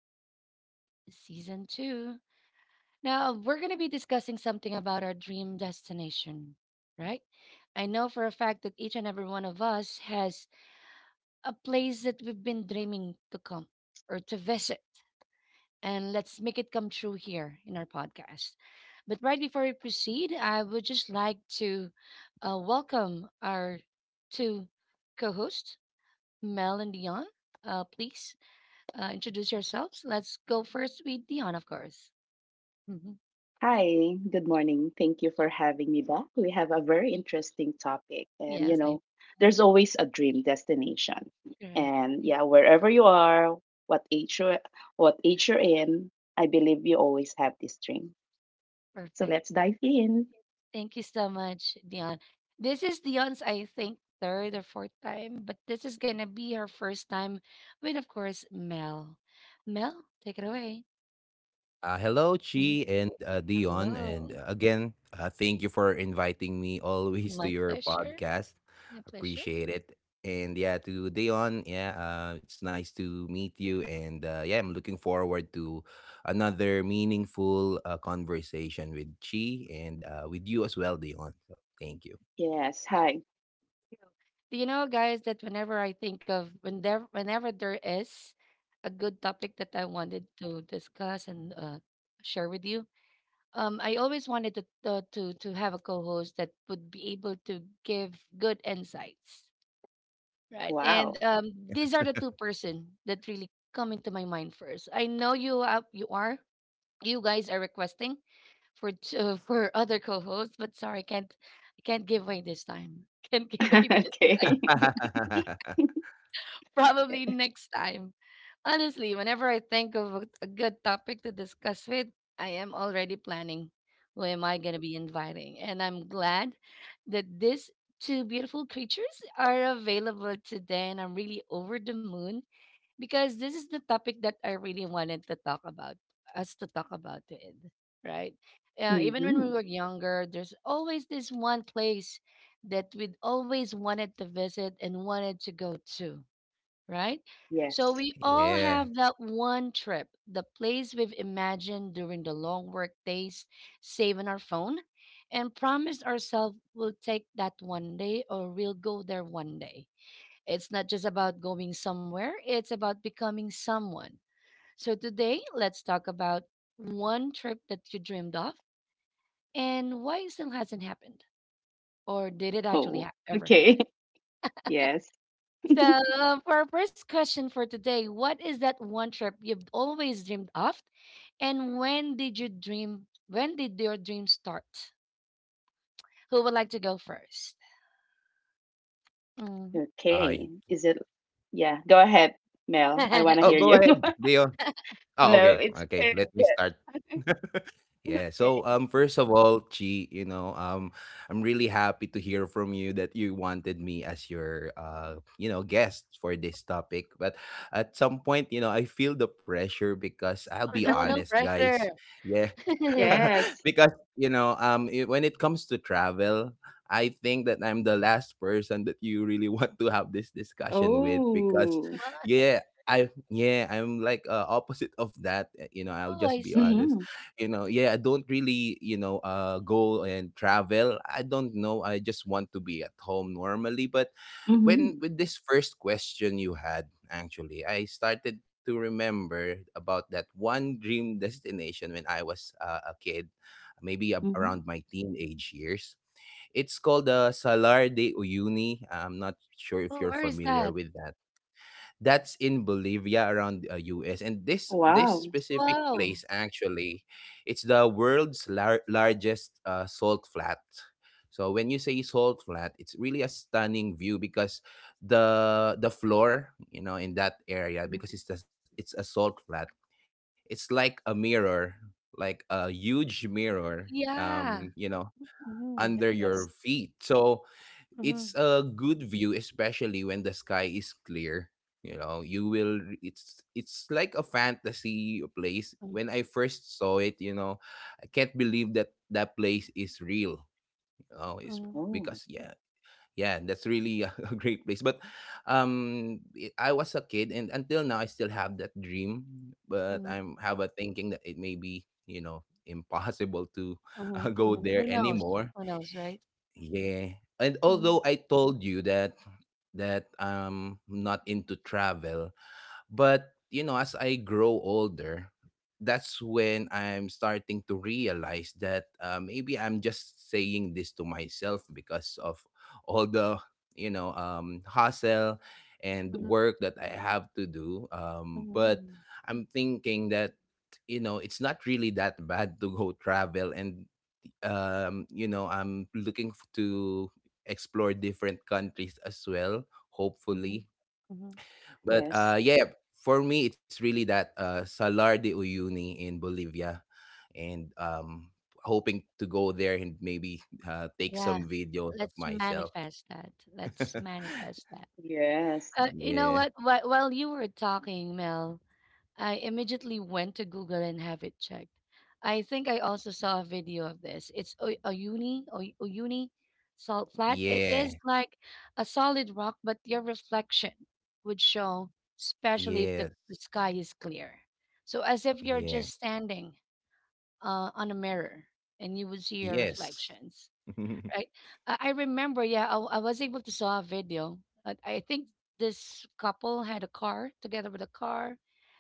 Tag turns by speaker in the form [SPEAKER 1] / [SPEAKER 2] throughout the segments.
[SPEAKER 1] Daily Talk with Chi Season 2. Now, we're going to be discussing something about our dream destination, right? I know for a fact that each and every one of us has a place that we've been dreaming to come or to visit, and let's make it come true here in our podcast. But right before we proceed, I would just like to welcome our two co hosts, Mel and Dion. Please introduce yourselves. Let's go first with Dion, of course. hmm
[SPEAKER 2] Hi, good morning. Thank you for having me back. We have a very interesting topic, and
[SPEAKER 1] Yes, I
[SPEAKER 2] there's always a dream destination.
[SPEAKER 1] correct.
[SPEAKER 2] And yeah, wherever you are, what age you what age you're in, I believe you always have this dream. So let's
[SPEAKER 1] Perfect.
[SPEAKER 2] dive in.
[SPEAKER 1] Thank you so much, Dion. This is Dion's, I think, third or fourth time, but this is gonna be her first time with, of course, Mel. Mel, take it away.
[SPEAKER 3] Hello,
[SPEAKER 1] Mhm.
[SPEAKER 3] Chi and Dion.
[SPEAKER 1] Hello.
[SPEAKER 3] And again, thank you for inviting me always to
[SPEAKER 1] My
[SPEAKER 3] your
[SPEAKER 1] pleasure.
[SPEAKER 3] podcast.
[SPEAKER 1] My pleasure.
[SPEAKER 3] Appreciate it. And yeah, to Dion, yeah, it's nice to meet you. And yeah, I'm looking forward to another meaningful conversation with Chi and with you as well, Dion. So thank you.
[SPEAKER 2] Yes, hi.
[SPEAKER 1] Do you know, guys, that whenever I think of whenever whenever there is a good topic that I wanted to discuss and share with you, I always wanted to, to have a co-host that would be able to give good insights, right?
[SPEAKER 2] Wow.
[SPEAKER 1] And these are the two person that really come into my mind first. I know you you are you guys are requesting for for other co-hosts, but sorry, I can't give away this time. Can't give away this time.
[SPEAKER 2] Okay.
[SPEAKER 1] Probably
[SPEAKER 2] Eh.
[SPEAKER 1] next time. Honestly, whenever I think of a good topic to discuss with, I am already planning who am I going to be inviting. And I'm glad that these two beautiful creatures are available today. And I'm really over the moon because this is the topic that I really wanted to talk about, us to talk about it, right? Even when we
[SPEAKER 2] Mhm.
[SPEAKER 1] were younger, there's always this one place that we'd always wanted to visit and wanted to go to, right? So
[SPEAKER 2] Yes.
[SPEAKER 1] we all
[SPEAKER 3] Yeah.
[SPEAKER 1] have that one trip, the place we've imagined during the long work days, saving our phone, and promised ourselves we'll take that one day or we'll go there one day. It's not just about going somewhere, it's about becoming someone. So today, let's talk about one trip that you dreamed of and why it still hasn't happened. Or did it actually
[SPEAKER 2] Oh,
[SPEAKER 1] ever
[SPEAKER 2] okay.
[SPEAKER 1] happen?
[SPEAKER 2] Yes.
[SPEAKER 1] So, for our first question for today, what is that one trip you've always dreamed of? And when did you dream? When did your dream start? Who would like to go first? Mhm.
[SPEAKER 2] Okay.
[SPEAKER 3] I.
[SPEAKER 2] Is it? Yeah. Go ahead, Mel. I want to
[SPEAKER 3] Oh,
[SPEAKER 2] hear
[SPEAKER 3] go
[SPEAKER 2] you.
[SPEAKER 3] ahead, Dion. Oh, okay.
[SPEAKER 2] No, it's
[SPEAKER 3] Okay.
[SPEAKER 2] okay.
[SPEAKER 3] Let me start.
[SPEAKER 2] Yeah.
[SPEAKER 3] Yeah. So
[SPEAKER 2] Okay.
[SPEAKER 3] um first of all, Chi, you know, I'm really happy to hear from you that you wanted me as your guest for this topic. But at some point, you know, I feel the pressure because I'll
[SPEAKER 1] Oh,
[SPEAKER 3] be
[SPEAKER 1] no, no
[SPEAKER 3] honest,
[SPEAKER 1] pressure.
[SPEAKER 3] guys. Yeah,
[SPEAKER 2] Yes.
[SPEAKER 3] because when it comes to travel, I think that I'm the last person that you really want to have this discussion with, because
[SPEAKER 2] Oh.
[SPEAKER 1] Wow.
[SPEAKER 3] yeah, I'm like, opposite of that, you know, I'll
[SPEAKER 1] Oh, I
[SPEAKER 3] just be
[SPEAKER 1] see.
[SPEAKER 3] honest.
[SPEAKER 2] Mhm.
[SPEAKER 3] Yeah, I don't really, go and travel. I don't know, I just want to be at home normally, but when
[SPEAKER 2] Mhm.
[SPEAKER 3] with this first question you had, actually I started to remember about that one dream destination when I was a kid, maybe
[SPEAKER 2] Mhm.
[SPEAKER 3] around my teenage years. It's called the Salar de Uyuni. I'm not sure if
[SPEAKER 1] Oh,
[SPEAKER 3] you're
[SPEAKER 1] where is that?
[SPEAKER 3] familiar with that. That's in Bolivia, around US. And this
[SPEAKER 2] Wow.
[SPEAKER 3] specific
[SPEAKER 1] Wow.
[SPEAKER 3] place actually, it's the world's largest salt flat. So when you say salt flat, it's really a stunning view, because the floor, you know, in that area, because
[SPEAKER 2] Mhm.
[SPEAKER 3] it's a salt flat, it's like a mirror, like a huge mirror,
[SPEAKER 1] Yeah.
[SPEAKER 3] you know,
[SPEAKER 1] Mhm,
[SPEAKER 3] under
[SPEAKER 2] Yes.
[SPEAKER 3] your feet. So
[SPEAKER 1] mhm,
[SPEAKER 3] it's a good view, especially when the sky is clear. You know you will it's it's like a fantasy place.
[SPEAKER 1] mhm,
[SPEAKER 3] When I first saw it, you know, I can't believe that that place is real. You know it's
[SPEAKER 1] mhm,
[SPEAKER 2] Oh,
[SPEAKER 3] Because yeah, yeah, that's really a a great place, but I was a kid, and until now I still have that dream,
[SPEAKER 1] mhm,
[SPEAKER 3] but I'm have a thinking that it may be, you know, impossible to
[SPEAKER 1] mhm,
[SPEAKER 3] go
[SPEAKER 1] mhm. Who
[SPEAKER 3] there
[SPEAKER 1] knows?
[SPEAKER 3] anymore.
[SPEAKER 1] Who knows, right?
[SPEAKER 3] Yeah. And
[SPEAKER 1] Mhm,
[SPEAKER 3] although I told you that I'm not into travel, but you know, as I grow older, that's when I'm starting to realize that, maybe I'm just saying this to myself because of all the, hustle and
[SPEAKER 1] mhm,
[SPEAKER 3] work that I have to do.
[SPEAKER 1] mhm,
[SPEAKER 3] But
[SPEAKER 1] mhm,
[SPEAKER 3] I'm thinking that, you know, it's not really that bad to go travel, and you know, I'm looking to explore different countries as well,
[SPEAKER 1] mhm,
[SPEAKER 3] hopefully.
[SPEAKER 1] mhm.
[SPEAKER 3] But
[SPEAKER 2] yes.
[SPEAKER 3] yeah, for me, it's really that, Salar de Uyuni in Bolivia, and hoping to go there and maybe take
[SPEAKER 1] Yeah.
[SPEAKER 3] some videos of
[SPEAKER 1] Let's
[SPEAKER 3] myself.
[SPEAKER 1] manifest that. Let's manifest that.
[SPEAKER 2] Yes.
[SPEAKER 1] You know
[SPEAKER 3] Yeah,
[SPEAKER 1] what? While you were talking, Mel, I immediately went to Google and have it checked. I think I also saw a video of this. It's a Oyuni salt flat. It is
[SPEAKER 3] yeah,
[SPEAKER 1] like a solid rock, but your reflection would show, especially if the,
[SPEAKER 3] yes,
[SPEAKER 1] the sky is clear. So as if you're
[SPEAKER 3] yeah,
[SPEAKER 1] just standing on a mirror and you would see your
[SPEAKER 3] yes.
[SPEAKER 1] reflections, right? I remember, yeah, I was able to saw a video. I think this couple had a car together with a car,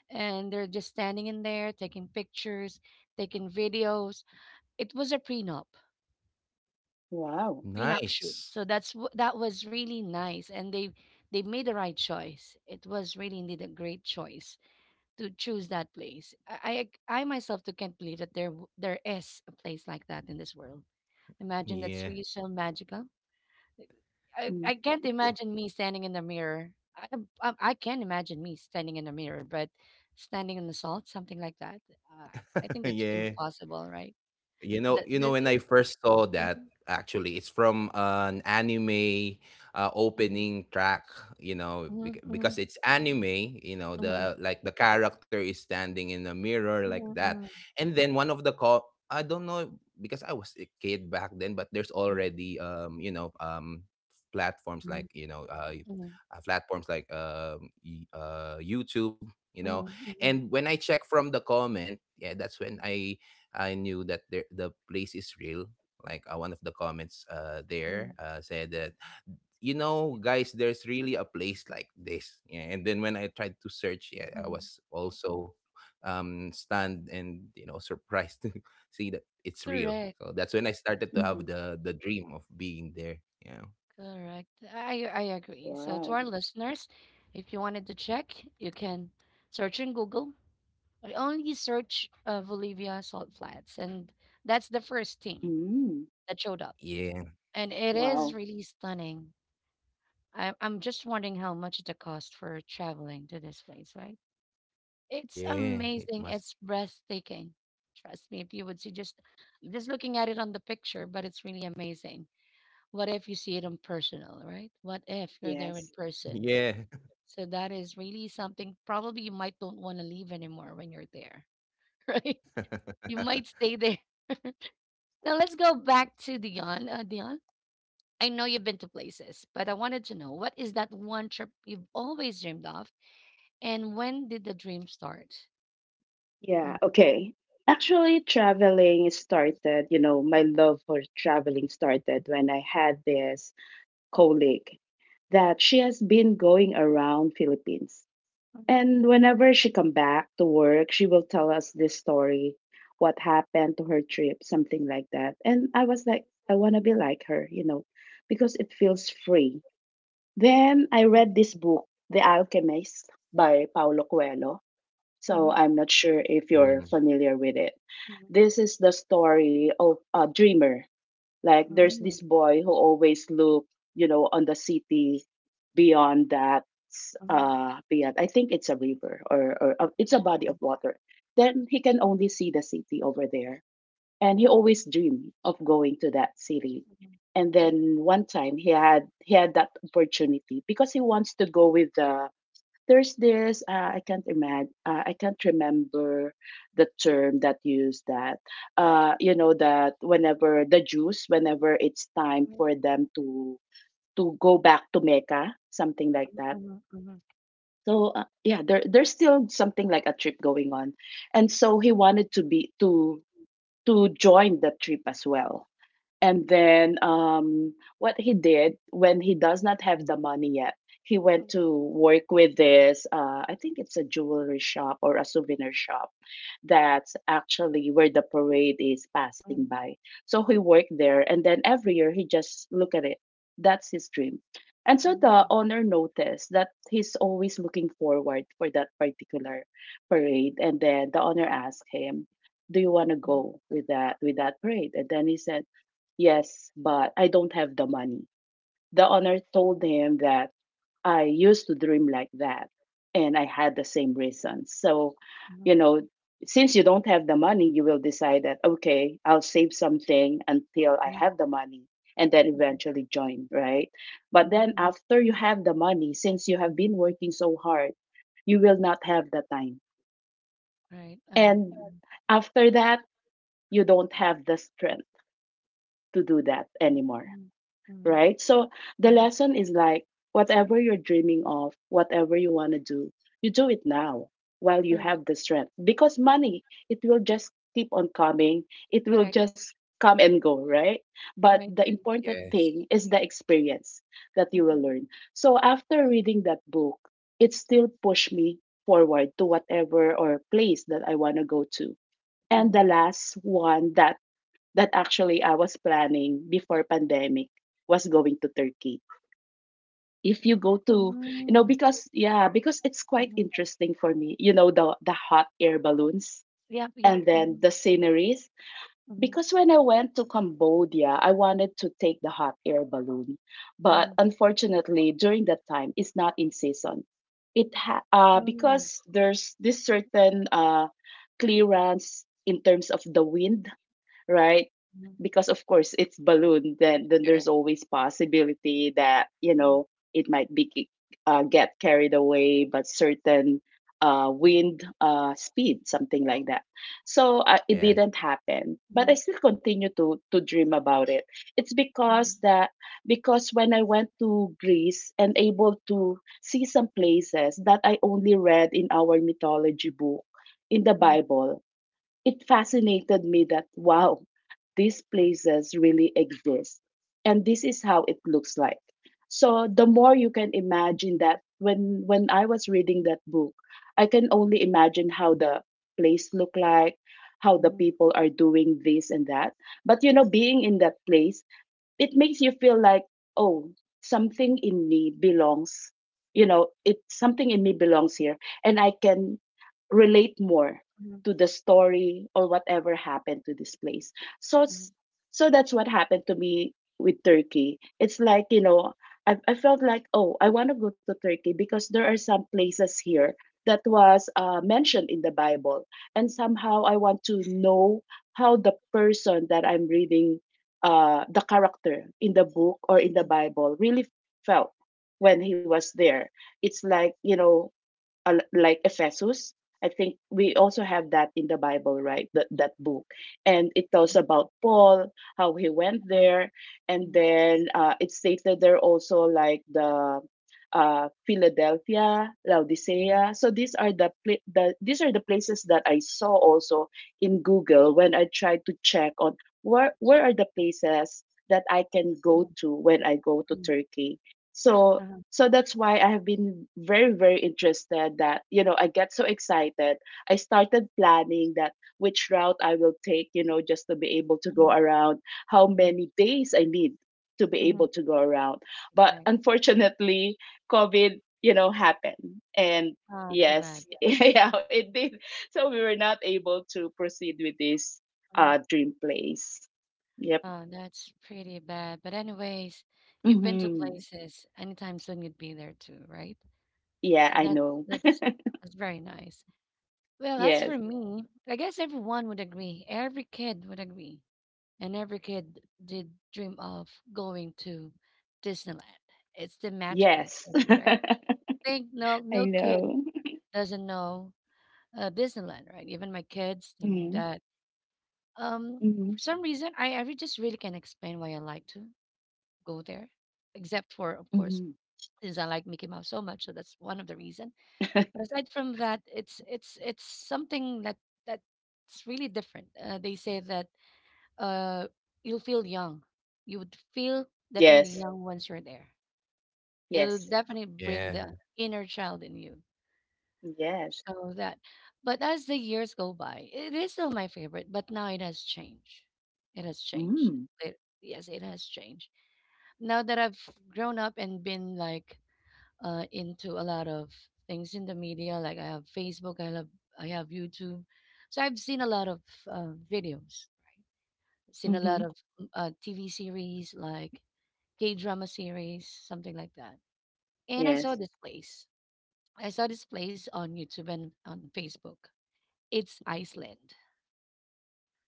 [SPEAKER 1] and they're just standing in there taking pictures, taking videos. It was a
[SPEAKER 2] Wow.
[SPEAKER 1] prenup shoot.
[SPEAKER 3] Nice.
[SPEAKER 1] So that's that was really nice, and they made the right choice. It was really indeed a great choice to choose that place. I myself too can't believe that there is a place like that in this world. Imagine that's
[SPEAKER 3] Yeah,
[SPEAKER 1] really so magical. I,
[SPEAKER 2] Mm-hmm.
[SPEAKER 1] I can't
[SPEAKER 3] yeah,
[SPEAKER 1] imagine me standing in the mirror. I, I can imagine me standing in the mirror, but standing in the salt, something like that. Uh, I think that's
[SPEAKER 3] yeah.
[SPEAKER 1] impossible, right?
[SPEAKER 3] You know,
[SPEAKER 1] That,
[SPEAKER 3] you know
[SPEAKER 1] that
[SPEAKER 3] when
[SPEAKER 1] it,
[SPEAKER 3] I first saw that,
[SPEAKER 1] mhm,
[SPEAKER 3] actually it's from an anime opening track, you know,
[SPEAKER 1] mhm, mhm,
[SPEAKER 3] because it's anime, you know,
[SPEAKER 1] mhm,
[SPEAKER 3] the like the character is standing in a mirror like
[SPEAKER 1] mhm,
[SPEAKER 3] that.
[SPEAKER 1] mhm,
[SPEAKER 3] And then one of the I don't know, because I was a kid back then, but there's already, you know, platforms
[SPEAKER 1] mhm, mhm,
[SPEAKER 3] like, you know,
[SPEAKER 1] mhm, mhm,
[SPEAKER 3] platforms like YouTube, you know.
[SPEAKER 1] mhm, mhm,
[SPEAKER 3] And when I check from the comment, yeah, that's when I knew that, the place is real. Like, one of the comments, there
[SPEAKER 1] mhm,
[SPEAKER 3] said that, you know, guys, there's really a place like this. Yeah. And then when I tried to search, yeah, I
[SPEAKER 1] mhm.
[SPEAKER 3] was also, stunned, and, you know, surprised to see that it's real.
[SPEAKER 1] Correct,
[SPEAKER 3] So that's when I started to
[SPEAKER 2] Mm-hmm.
[SPEAKER 3] have the dream of being there. Yeah.
[SPEAKER 1] correct. I agree. So to
[SPEAKER 2] Wow.
[SPEAKER 1] our listeners, if you wanted to check, you can search in Google. I only search Bolivia salt flats, and that's the first thing
[SPEAKER 2] Mm.
[SPEAKER 1] that showed up,
[SPEAKER 3] Yeah.
[SPEAKER 1] and it is
[SPEAKER 2] Wow.
[SPEAKER 1] really stunning. I'm just wondering how much the cost for traveling to this place, right? It's
[SPEAKER 3] Yeah. It
[SPEAKER 1] amazing,
[SPEAKER 3] must.
[SPEAKER 1] it's breathtaking. Trust me, if you would see just looking at it on the picture, but it's really amazing. What if you see it in personal, right? What if you're there in
[SPEAKER 2] Yes.
[SPEAKER 1] person?
[SPEAKER 3] Yeah.
[SPEAKER 1] So that is really something probably you might don't want to leave anymore when you're there, right? You might stay there. Now let's go back to Dion. Dion, I know you've been to places, but I wanted to know what is that one trip you've always dreamed of, and when did the dream start?
[SPEAKER 2] Yeah.
[SPEAKER 1] Mhm,
[SPEAKER 2] Okay. Actually, traveling started, you know, my love for traveling started when I had this colleague that she has been going around Philippines. And whenever she come back to work, she will tell us this story, what happened to her trip, something like that. And I was like, I want to be like her, because it feels free. Then I read
[SPEAKER 1] mhm,
[SPEAKER 2] this book, The Alchemist by Paulo Coelho. So I'm not sure if
[SPEAKER 3] Mm,
[SPEAKER 2] you're familiar with it. This is the story of a dreamer, like there's this boy who always look, on the city beyond that— beyond, I think it's a river, or it's a
[SPEAKER 1] mhm,
[SPEAKER 2] body of water. Then he can only see the city over there. And he always dreamed of going to that city.
[SPEAKER 1] mhm,
[SPEAKER 2] And then one time he had that opportunity because he wants to go with the— there's this I can't remember the term that used that, that whenever the Jews, whenever it's time for them to go back to Mecca, something like that.
[SPEAKER 1] mhm, mhm,
[SPEAKER 2] So yeah, there's still something like a trip going on, and so he wanted to be to join the trip as well. And then what he did, when he does not have the money yet, he went to work with this, I think it's a jewelry shop or a souvenir shop, that's actually where the parade is passing
[SPEAKER 1] mhm,
[SPEAKER 2] by. So he worked there. And then every year he just look at it. That's his dream. And so the
[SPEAKER 1] mhm.
[SPEAKER 2] owner noticed that he's always looking forward for that particular parade. And then the owner asked him, "Do you want to go with that parade?" And then he said, "Yes, but I don't have the money." The owner told him that, "I used to dream like that, and I had the same reason. So, you know, since you don't have the money, you will decide that, okay, I'll save something until I have the money and then eventually join, right? But then after you have the money, since you have been working so hard, you will not have the time.
[SPEAKER 1] Right. Uh-huh.
[SPEAKER 2] And
[SPEAKER 1] Mhm.
[SPEAKER 2] after that, you don't have the strength to do that anymore, right? So the lesson is like, whatever you're dreaming of, whatever you want to do, you do it now while you
[SPEAKER 1] Right.
[SPEAKER 2] have the strength, because money, it will just keep on coming, it will
[SPEAKER 1] Correct. Right.
[SPEAKER 2] just come and go, right? But
[SPEAKER 1] Right.
[SPEAKER 2] the important
[SPEAKER 1] Agree.
[SPEAKER 3] yes.
[SPEAKER 2] thing is the experience that you will
[SPEAKER 1] Mhm,
[SPEAKER 2] learn." So after reading that book, it still pushed me forward to whatever or place that I want to go to. And the
[SPEAKER 1] mhm.
[SPEAKER 2] last one that actually I was planning before pandemic was going to Turkey. If you go to,
[SPEAKER 1] Mm,
[SPEAKER 2] because yeah, because it's quite
[SPEAKER 1] mhm.
[SPEAKER 2] interesting for me, the hot air balloons
[SPEAKER 1] Yep. Yep.
[SPEAKER 2] and then the
[SPEAKER 1] Mhm, mhm,
[SPEAKER 2] sceneries.
[SPEAKER 1] mhm,
[SPEAKER 2] Because when I went to Cambodia, I wanted to take the hot air balloon,
[SPEAKER 1] mhm,
[SPEAKER 2] but
[SPEAKER 1] mhm,
[SPEAKER 2] unfortunately, during that time, it's not in season.
[SPEAKER 1] mhm, mhm,
[SPEAKER 2] Because there's this certain clearance in terms of the wind, right?
[SPEAKER 1] mhm, mhm,
[SPEAKER 2] Because of course it's balloon, then
[SPEAKER 3] Yeah.
[SPEAKER 2] there's always possibility that,
[SPEAKER 1] mhm,
[SPEAKER 2] it might be get carried away by certain wind speed, something like that. So it
[SPEAKER 3] Yeah.
[SPEAKER 2] didn't happen,
[SPEAKER 1] mhm,
[SPEAKER 2] but
[SPEAKER 1] mhm,
[SPEAKER 2] I
[SPEAKER 1] mhm,
[SPEAKER 2] still continue to dream about it. It's
[SPEAKER 1] mhm, mhm,
[SPEAKER 2] because
[SPEAKER 1] mhm,
[SPEAKER 2] that, because when I went to Greece and able to see some places that I only read in our mythology book, in the Bible, it fascinated me that, wow, these places really exist, and this is how it looks like. So the more you can imagine that, when I was reading that book, I can only imagine how the place look like, how
[SPEAKER 1] mhm, mhm,
[SPEAKER 2] the
[SPEAKER 1] mhm, mhm,
[SPEAKER 2] people are doing this and that. But, being in that place, it makes you feel like, oh, something in me belongs, it, something in me belongs here, and I can relate more to the story or whatever happened to this place. So s- so that's what happened to me with Turkey. It's like, I felt like, oh, I want to go to Turkey because there are some places here that was mentioned in the Bible, and somehow I want to know how the person that I'm reading, the character in the book or in the Bible, really felt when he was there. It's like, like Ephesus. I think we also have that in the Bible, right? That book, and it tells about Paul, how he went there, and then it states that there are also like the Philadelphia, Laodicea. So these are the, these are the places that I saw also in Google when I tried to check on where are the places that I can go to when I go to Turkey. So so that's why I have been very very interested that, I get so excited. I started planning that which route I will take, just to be able to
[SPEAKER 1] mhm,
[SPEAKER 2] go
[SPEAKER 1] mhm,
[SPEAKER 2] around, how
[SPEAKER 1] mhm,
[SPEAKER 2] many days I need to be
[SPEAKER 1] mhm.
[SPEAKER 2] able to go around. But
[SPEAKER 1] Right.
[SPEAKER 2] unfortunately, COVID, happened. And
[SPEAKER 1] Oh, too
[SPEAKER 2] yes,
[SPEAKER 1] bad. Yeah.
[SPEAKER 2] yeah, it did. So we were not able to proceed with this
[SPEAKER 1] Mhm.
[SPEAKER 2] dream place. Yep.
[SPEAKER 1] Oh, that's pretty bad. But anyways, you've been to Mm.
[SPEAKER 2] Hmm.
[SPEAKER 1] places anytime soon you'd be there too, right?
[SPEAKER 2] Yeah,
[SPEAKER 1] So yeah,
[SPEAKER 2] I
[SPEAKER 1] that's
[SPEAKER 2] know.
[SPEAKER 1] that's very nice. Well, as
[SPEAKER 2] Yes.
[SPEAKER 1] for me, I guess everyone would agree. Every kid would agree. And every kid did dream of going to Disneyland. It's the magical
[SPEAKER 2] Yes.
[SPEAKER 1] city, right? Think no
[SPEAKER 2] I
[SPEAKER 1] kid
[SPEAKER 2] know.
[SPEAKER 1] doesn't know Disneyland, right? Even my kids, they know
[SPEAKER 2] Mhm.
[SPEAKER 1] that. For
[SPEAKER 2] Mhm.
[SPEAKER 1] some reason, just really can't explain why I like to go there, except for, of
[SPEAKER 2] Mhm.
[SPEAKER 1] course, since I like Mickey Mouse so much, so that's one of the reason. But aside from that, it's something that that's really different. They say that uh you'll feel young, you would feel definitely
[SPEAKER 2] Yes.
[SPEAKER 1] young once you're there. It'll
[SPEAKER 2] Yes.
[SPEAKER 1] definitely bring
[SPEAKER 3] Yeah.
[SPEAKER 1] the inner child in you.
[SPEAKER 2] Yes.
[SPEAKER 1] So that, but as the years go by, it is still my favorite, but now it has changed. It has changed.
[SPEAKER 2] Mm.
[SPEAKER 1] It, yes, it has changed. Now that I've grown up and been like into a lot of things in the media, like I have Facebook, I have YouTube, so I've seen a lot of videos, seen a lot
[SPEAKER 2] Mhm.
[SPEAKER 1] of TV series like K drama series, something like that. And I saw
[SPEAKER 2] Yes.
[SPEAKER 1] this place. I saw this place on YouTube and on Facebook. It's Iceland,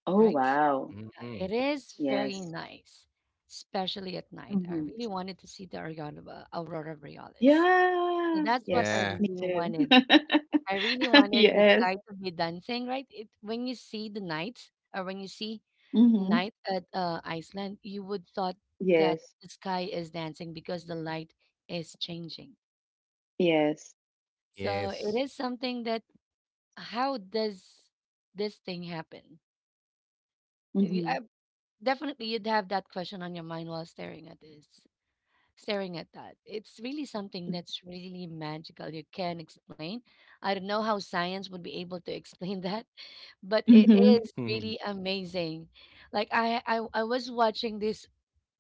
[SPEAKER 2] Oh,
[SPEAKER 1] right?
[SPEAKER 2] wow.
[SPEAKER 3] Mm-mm.
[SPEAKER 1] Yeah, it is very
[SPEAKER 2] Yes.
[SPEAKER 1] nice, especially at night. I
[SPEAKER 2] Mhm.
[SPEAKER 1] really wanted to see the Aurora Borealis. So
[SPEAKER 2] Yeah.
[SPEAKER 1] that's what I
[SPEAKER 2] Yes.
[SPEAKER 3] Yeah.
[SPEAKER 2] Me
[SPEAKER 1] really
[SPEAKER 2] too.
[SPEAKER 1] wanted. I really wanted the
[SPEAKER 2] Yes.
[SPEAKER 1] sky to be dancing, right? It, when you see the night, or when you see
[SPEAKER 2] Mhm.
[SPEAKER 1] night at Iceland, you would thought that
[SPEAKER 2] Yes.
[SPEAKER 1] the sky is dancing because the light is changing.
[SPEAKER 2] Yes.
[SPEAKER 1] So it
[SPEAKER 3] Yes.
[SPEAKER 1] is something that how does this thing happen? You-
[SPEAKER 2] Mhm.
[SPEAKER 1] I Definitely, you'd have that question on your mind while staring at this, staring at that. It's really something that's really magical. You can't explain. I don't know how science would be able to explain that, but it
[SPEAKER 2] Mhm.
[SPEAKER 1] is
[SPEAKER 3] Mhm.
[SPEAKER 1] really amazing. Like I was watching this.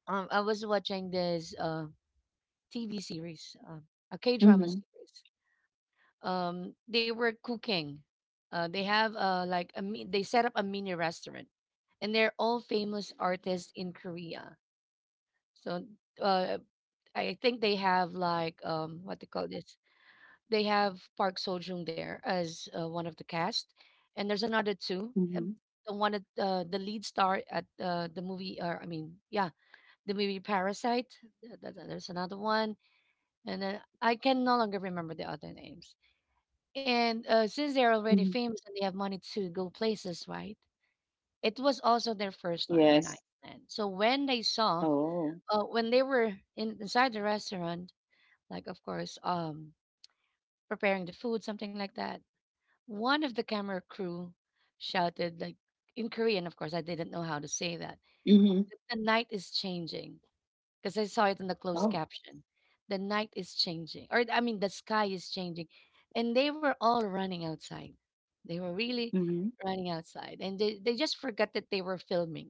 [SPEAKER 1] I was watching this TV series, a K drama
[SPEAKER 2] Mhm.
[SPEAKER 1] series. They were cooking. They have like a they set up a mini restaurant, and they're all famous artists in Korea. So uh, I think they have like what they call this. They have Park Seo-joong there as one of the cast, and there's another two.
[SPEAKER 2] Mhm.
[SPEAKER 1] The one at the lead star at the movie, or I mean, yeah, the movie Parasite. There's another one, and then I can no longer remember the other names. And since they're
[SPEAKER 2] Mhm.
[SPEAKER 1] already famous and they have money to go places, right? It was also their first time
[SPEAKER 2] Yes.
[SPEAKER 1] in Iceland. So when they saw,
[SPEAKER 2] Oh.
[SPEAKER 1] when they were in, inside the restaurant, like of course preparing the food, something like that. One of the camera crew shouted like in Korean, of course I didn't know how to say that.
[SPEAKER 2] Mhm.
[SPEAKER 1] The night is changing, because I saw it in the
[SPEAKER 2] Oh.
[SPEAKER 1] closed caption. The night is changing, or I mean, the sky is changing. And they were all running outside. They were really
[SPEAKER 2] Mhm.
[SPEAKER 1] running outside, and they just forgot that they were filming.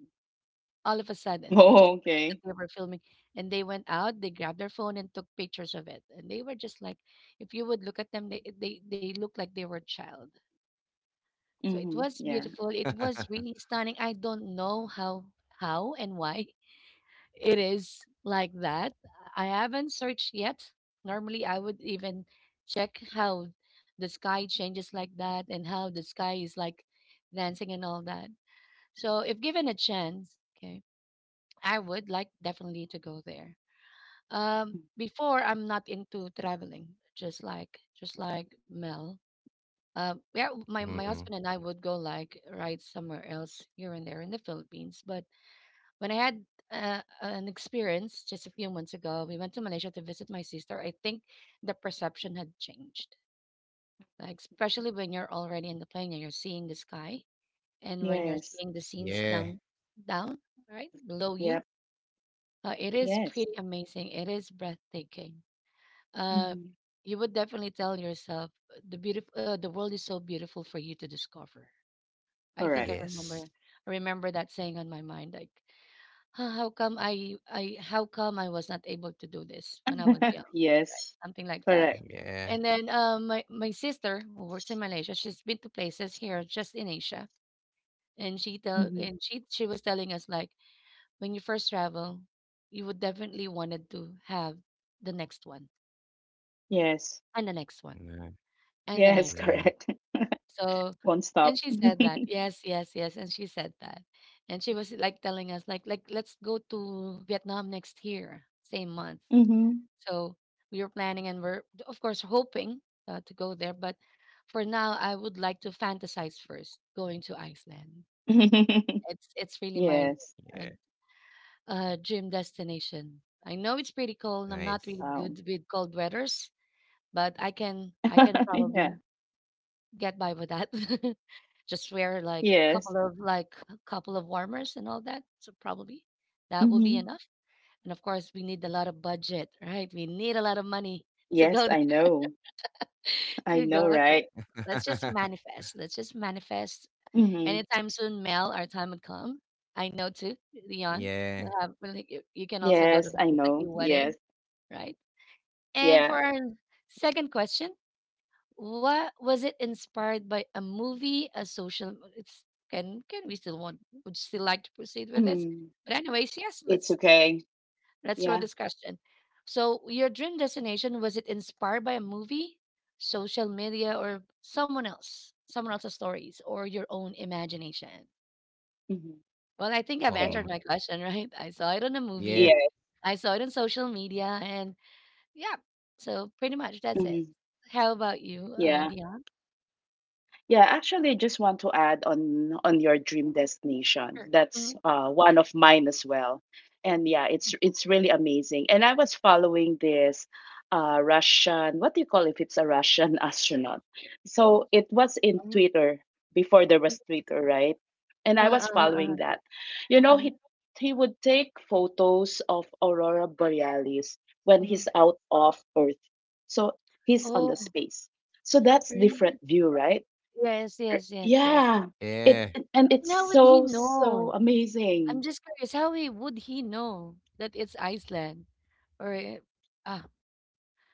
[SPEAKER 1] All of a sudden, they just
[SPEAKER 2] Oh,
[SPEAKER 1] forget that
[SPEAKER 2] okay.
[SPEAKER 1] they were filming, and they went out. They grabbed their phone and took pictures of it. And they were just like, if you would look at them, they look like they were a child. So it
[SPEAKER 2] Mhm.
[SPEAKER 1] was
[SPEAKER 2] Yeah.
[SPEAKER 1] beautiful. It was really stunning. I don't know how and why it is like that. I haven't searched yet. Normally, I would even check how the sky changes like that and how the sky is like dancing and all that. So if given a chance, okay, I would like definitely to go there. Before I'm not into traveling, just like Mel. Yeah, my
[SPEAKER 3] Mhm.
[SPEAKER 1] husband and I would go like ride somewhere else here and there in the Philippines. But when I had an experience just a few months ago, we went to Malaysia to visit my sister. I think the perception had changed, like especially when you're already in the plane and you're seeing the sky, and when you're
[SPEAKER 2] Yes.
[SPEAKER 1] seeing the scenes
[SPEAKER 3] Yeah.
[SPEAKER 1] down right below you.
[SPEAKER 2] Yep.
[SPEAKER 1] It is
[SPEAKER 2] Yes.
[SPEAKER 1] pretty amazing. It is breathtaking. Uh,
[SPEAKER 2] Mhm.
[SPEAKER 1] you would definitely tell yourself the beautiful, the world is so beautiful for you to discover. I think I
[SPEAKER 2] Correct.
[SPEAKER 3] Yes.
[SPEAKER 1] remember, I remember that saying on my mind, like, "Huh, how come how come I was not able to do this when I was young,"
[SPEAKER 2] Yes,
[SPEAKER 1] something like that.
[SPEAKER 2] correct.
[SPEAKER 3] Yeah.
[SPEAKER 1] And then my sister who works in Malaysia, she's been to places here just in Asia, and she tell
[SPEAKER 2] Mhm.
[SPEAKER 1] and she she was telling us like, when you first travel, you would definitely wanted to have the next one
[SPEAKER 2] Yes,
[SPEAKER 1] and the next one
[SPEAKER 3] Nah.
[SPEAKER 1] and the
[SPEAKER 2] yes,
[SPEAKER 1] next.
[SPEAKER 3] Yeah.
[SPEAKER 2] correct.
[SPEAKER 1] So
[SPEAKER 2] Won't
[SPEAKER 1] and
[SPEAKER 2] stop.
[SPEAKER 1] she said that, yes, yes, yes, and she said that, and she was like telling us like, let's go to Vietnam next year same month.
[SPEAKER 2] Hmm.
[SPEAKER 1] So we were planning and we're of course hoping to go there, but for now I would like to fantasize first going to Iceland. It's really my
[SPEAKER 2] Yes.
[SPEAKER 1] uh,
[SPEAKER 3] Yeah.
[SPEAKER 1] dream destination. I know it's pretty cold. I'm not
[SPEAKER 3] Nice.
[SPEAKER 1] really
[SPEAKER 2] Wow.
[SPEAKER 1] good with cold weathers, but I can
[SPEAKER 2] Yeah.
[SPEAKER 1] probably get by with that. Just wear like
[SPEAKER 2] Yes.
[SPEAKER 1] couple of like a couple of warmers and all that. So probably that will be
[SPEAKER 2] Hmm.
[SPEAKER 1] enough. And of course, we need a lot of budget, right? We need a lot of money to
[SPEAKER 2] Yes,
[SPEAKER 1] go
[SPEAKER 2] I know. I
[SPEAKER 1] to go
[SPEAKER 2] know,
[SPEAKER 1] there.
[SPEAKER 2] right?
[SPEAKER 1] Let's just manifest. Let's just manifest.
[SPEAKER 2] Hmm.
[SPEAKER 1] Anytime soon, Mel, our time would come. I know too, Leon.
[SPEAKER 3] Yeah.
[SPEAKER 1] You can also go to
[SPEAKER 2] Yes,
[SPEAKER 1] the
[SPEAKER 2] I
[SPEAKER 1] place that you
[SPEAKER 2] know.
[SPEAKER 1] wanted,
[SPEAKER 2] Yes.
[SPEAKER 1] right? And
[SPEAKER 2] Yeah.
[SPEAKER 1] for our second question, what was it inspired by, a movie, a social? It's can we still want? Would still like to proceed with this?
[SPEAKER 2] Mm.
[SPEAKER 1] But anyways, yes.
[SPEAKER 2] It's
[SPEAKER 1] Let's
[SPEAKER 2] okay.
[SPEAKER 1] let's throw
[SPEAKER 2] Yeah.
[SPEAKER 1] this question. So, your dream destination, was it inspired by a movie, social media, or someone else's stories, or your own imagination?
[SPEAKER 2] Hmm.
[SPEAKER 1] Well, I think I've
[SPEAKER 2] Okay.
[SPEAKER 1] answered
[SPEAKER 3] Um.
[SPEAKER 1] my question, right? I saw it on a
[SPEAKER 2] Yeah.
[SPEAKER 3] Yeah.
[SPEAKER 1] movie, I saw it on social media, and yeah. So pretty much that's it.
[SPEAKER 2] Hmm.
[SPEAKER 1] How about you,
[SPEAKER 2] Yeah.
[SPEAKER 1] Dion?
[SPEAKER 2] Yeah, actually, I just want to add on your dream destination.
[SPEAKER 1] Sure. Mm,
[SPEAKER 2] That's one of mine as well, and yeah, it's really amazing. And I was following this Russian, what do you call it if it's a Russian astronaut? So it was in Twitter before there
[SPEAKER 1] mm,
[SPEAKER 2] was Twitter, right? And
[SPEAKER 1] uh
[SPEAKER 2] I
[SPEAKER 1] uh
[SPEAKER 2] was
[SPEAKER 1] uh-huh.
[SPEAKER 2] following that. You know,
[SPEAKER 1] Mhm,
[SPEAKER 2] he would take photos of aurora borealis when
[SPEAKER 1] mhm.
[SPEAKER 2] he's out of Earth. So he's on the
[SPEAKER 1] Oh,
[SPEAKER 2] space. So that's different
[SPEAKER 1] really?
[SPEAKER 2] view, right?
[SPEAKER 1] Yes, yes, yes, yes.
[SPEAKER 2] Yeah,
[SPEAKER 3] Yeah.
[SPEAKER 2] it and
[SPEAKER 1] And
[SPEAKER 2] it's
[SPEAKER 1] how would he
[SPEAKER 2] so so
[SPEAKER 1] know? I'm
[SPEAKER 2] amazing.
[SPEAKER 1] just curious, how he would he know that it's Iceland? Or ah,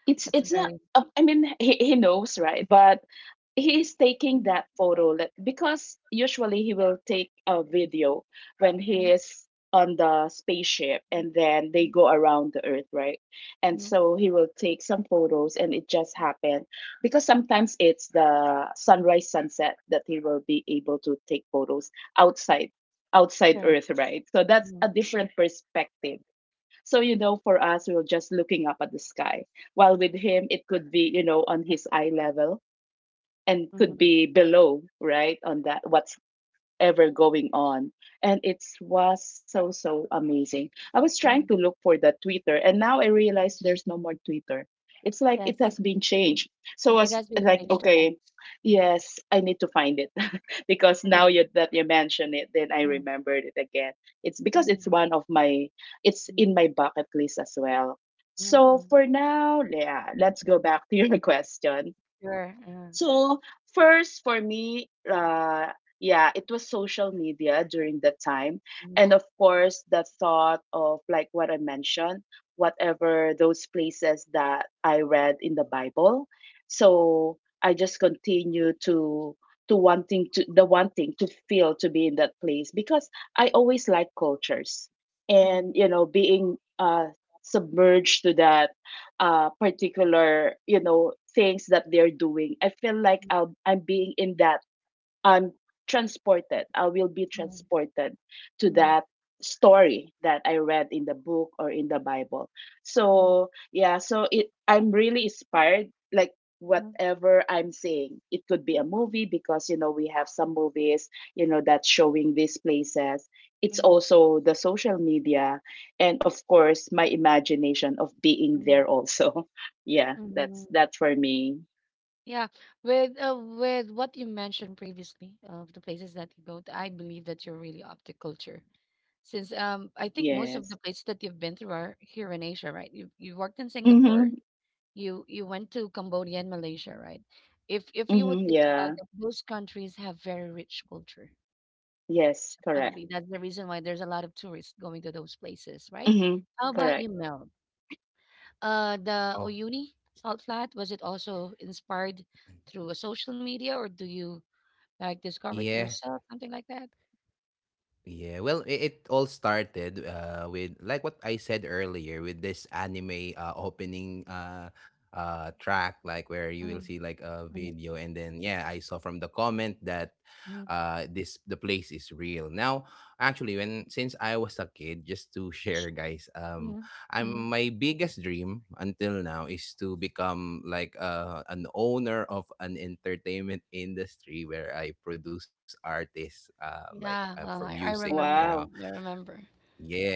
[SPEAKER 2] It's
[SPEAKER 1] that's a
[SPEAKER 2] it's not.
[SPEAKER 1] very.
[SPEAKER 2] I mean, he knows, right? But he is taking
[SPEAKER 1] Mhm,
[SPEAKER 2] that photo, because usually he will take a video when he
[SPEAKER 1] mhm,
[SPEAKER 2] is on the spaceship,
[SPEAKER 1] mhm,
[SPEAKER 2] and then they
[SPEAKER 1] mhm,
[SPEAKER 2] go around the Earth, right? And
[SPEAKER 1] mhm.
[SPEAKER 2] so he will take some photos, and it just happened, because sometimes it's the sunrise sunset that he will be able to take photos outside outside
[SPEAKER 1] Correct.
[SPEAKER 2] Earth, right? So that's
[SPEAKER 1] Mhm,
[SPEAKER 2] a different perspective. So, for us, we were just looking up at the sky, while with him, it could be, on his eye level, and
[SPEAKER 1] mhm, mhm,
[SPEAKER 2] could be below, right, on that what's ever going on. And it was so so amazing. I was trying
[SPEAKER 1] mhm.
[SPEAKER 2] to look for the Twitter, and now I realize there's no more Twitter. It's like it
[SPEAKER 1] Yes,
[SPEAKER 2] has been changed. So I
[SPEAKER 1] it
[SPEAKER 2] was
[SPEAKER 1] has been
[SPEAKER 2] like,
[SPEAKER 1] changed to X.
[SPEAKER 2] okay,
[SPEAKER 1] Mhm,
[SPEAKER 2] yes, I need to find it, because
[SPEAKER 1] mhm,
[SPEAKER 2] now that you mention it, then I
[SPEAKER 1] mhm,
[SPEAKER 2] remembered it again. It's because
[SPEAKER 1] mhm,
[SPEAKER 2] it's
[SPEAKER 1] mhm,
[SPEAKER 2] in my bucket list as well.
[SPEAKER 1] mhm,
[SPEAKER 2] So
[SPEAKER 1] mhm.
[SPEAKER 2] for now, yeah, let's go back to your question.
[SPEAKER 1] Sure.
[SPEAKER 2] So first for me, yeah, it was social media during that time,
[SPEAKER 1] Mhm,
[SPEAKER 2] and of course the thought of, like, what I mentioned, whatever those places that I read in the Bible. So I just continue to wanting to the wanting to feel to be in that place, because I always like cultures,
[SPEAKER 1] mhm,
[SPEAKER 2] and, being submerged to that particular, things that they're doing, I feel like,
[SPEAKER 1] mhm,
[SPEAKER 2] I'm being invaluable. I'm transported. I will be
[SPEAKER 1] mhm,
[SPEAKER 2] transported to
[SPEAKER 1] mhm,
[SPEAKER 2] that story that I read in the book or in the Bible.
[SPEAKER 1] mhm,
[SPEAKER 2] So yeah, so it I'm really inspired. Like,
[SPEAKER 1] mhm,
[SPEAKER 2] whatever I'm seeing, it could be a movie because, we have some movies, that's showing these places. It's
[SPEAKER 1] mhm.
[SPEAKER 2] also the social media and of course my imagination of being
[SPEAKER 1] Mm,
[SPEAKER 2] there also. Yeah, that's
[SPEAKER 1] mhm.
[SPEAKER 2] that for me.
[SPEAKER 1] Yeah, with what you mentioned previously of the places that you go to, I believe that you're really up to culture. Since I think most of
[SPEAKER 2] Yes.
[SPEAKER 1] the places that you've been through are here in Asia, right? You worked in Singapore,
[SPEAKER 2] Mhm.
[SPEAKER 1] you went to Cambodia and Malaysia, right? If you would
[SPEAKER 2] Mhm.
[SPEAKER 1] think about
[SPEAKER 2] Yeah.
[SPEAKER 1] it, those countries have very rich culture. So
[SPEAKER 2] Yes, correct.
[SPEAKER 1] probably that's the reason why there's a lot of tourists going to those places, right?
[SPEAKER 2] Mhm,
[SPEAKER 1] How about you,
[SPEAKER 2] correct.
[SPEAKER 1] Mel? The
[SPEAKER 3] Oh.
[SPEAKER 1] Oyuni salt flat, was it also inspired through a social media, or do you like discover it
[SPEAKER 3] Yeah.
[SPEAKER 1] yourself, something like that?
[SPEAKER 3] Yeah, well, it all started with like what I said earlier, with this anime opening track, like where you will
[SPEAKER 1] Mm,
[SPEAKER 3] see like a
[SPEAKER 1] mm,
[SPEAKER 3] video, and then yeah, I saw from the comment that,
[SPEAKER 1] mm,
[SPEAKER 3] this the place is real. Now, actually, when since I was a kid, just to share, guys,
[SPEAKER 1] mm,
[SPEAKER 3] I'm
[SPEAKER 1] mm.
[SPEAKER 3] my biggest dream until now is to become like, an owner of an entertainment industry where I produce artists, like,
[SPEAKER 1] Yeah,
[SPEAKER 3] for music,
[SPEAKER 1] I
[SPEAKER 3] you know.
[SPEAKER 1] remember.
[SPEAKER 2] Wow.
[SPEAKER 1] I remember.
[SPEAKER 3] Yeah.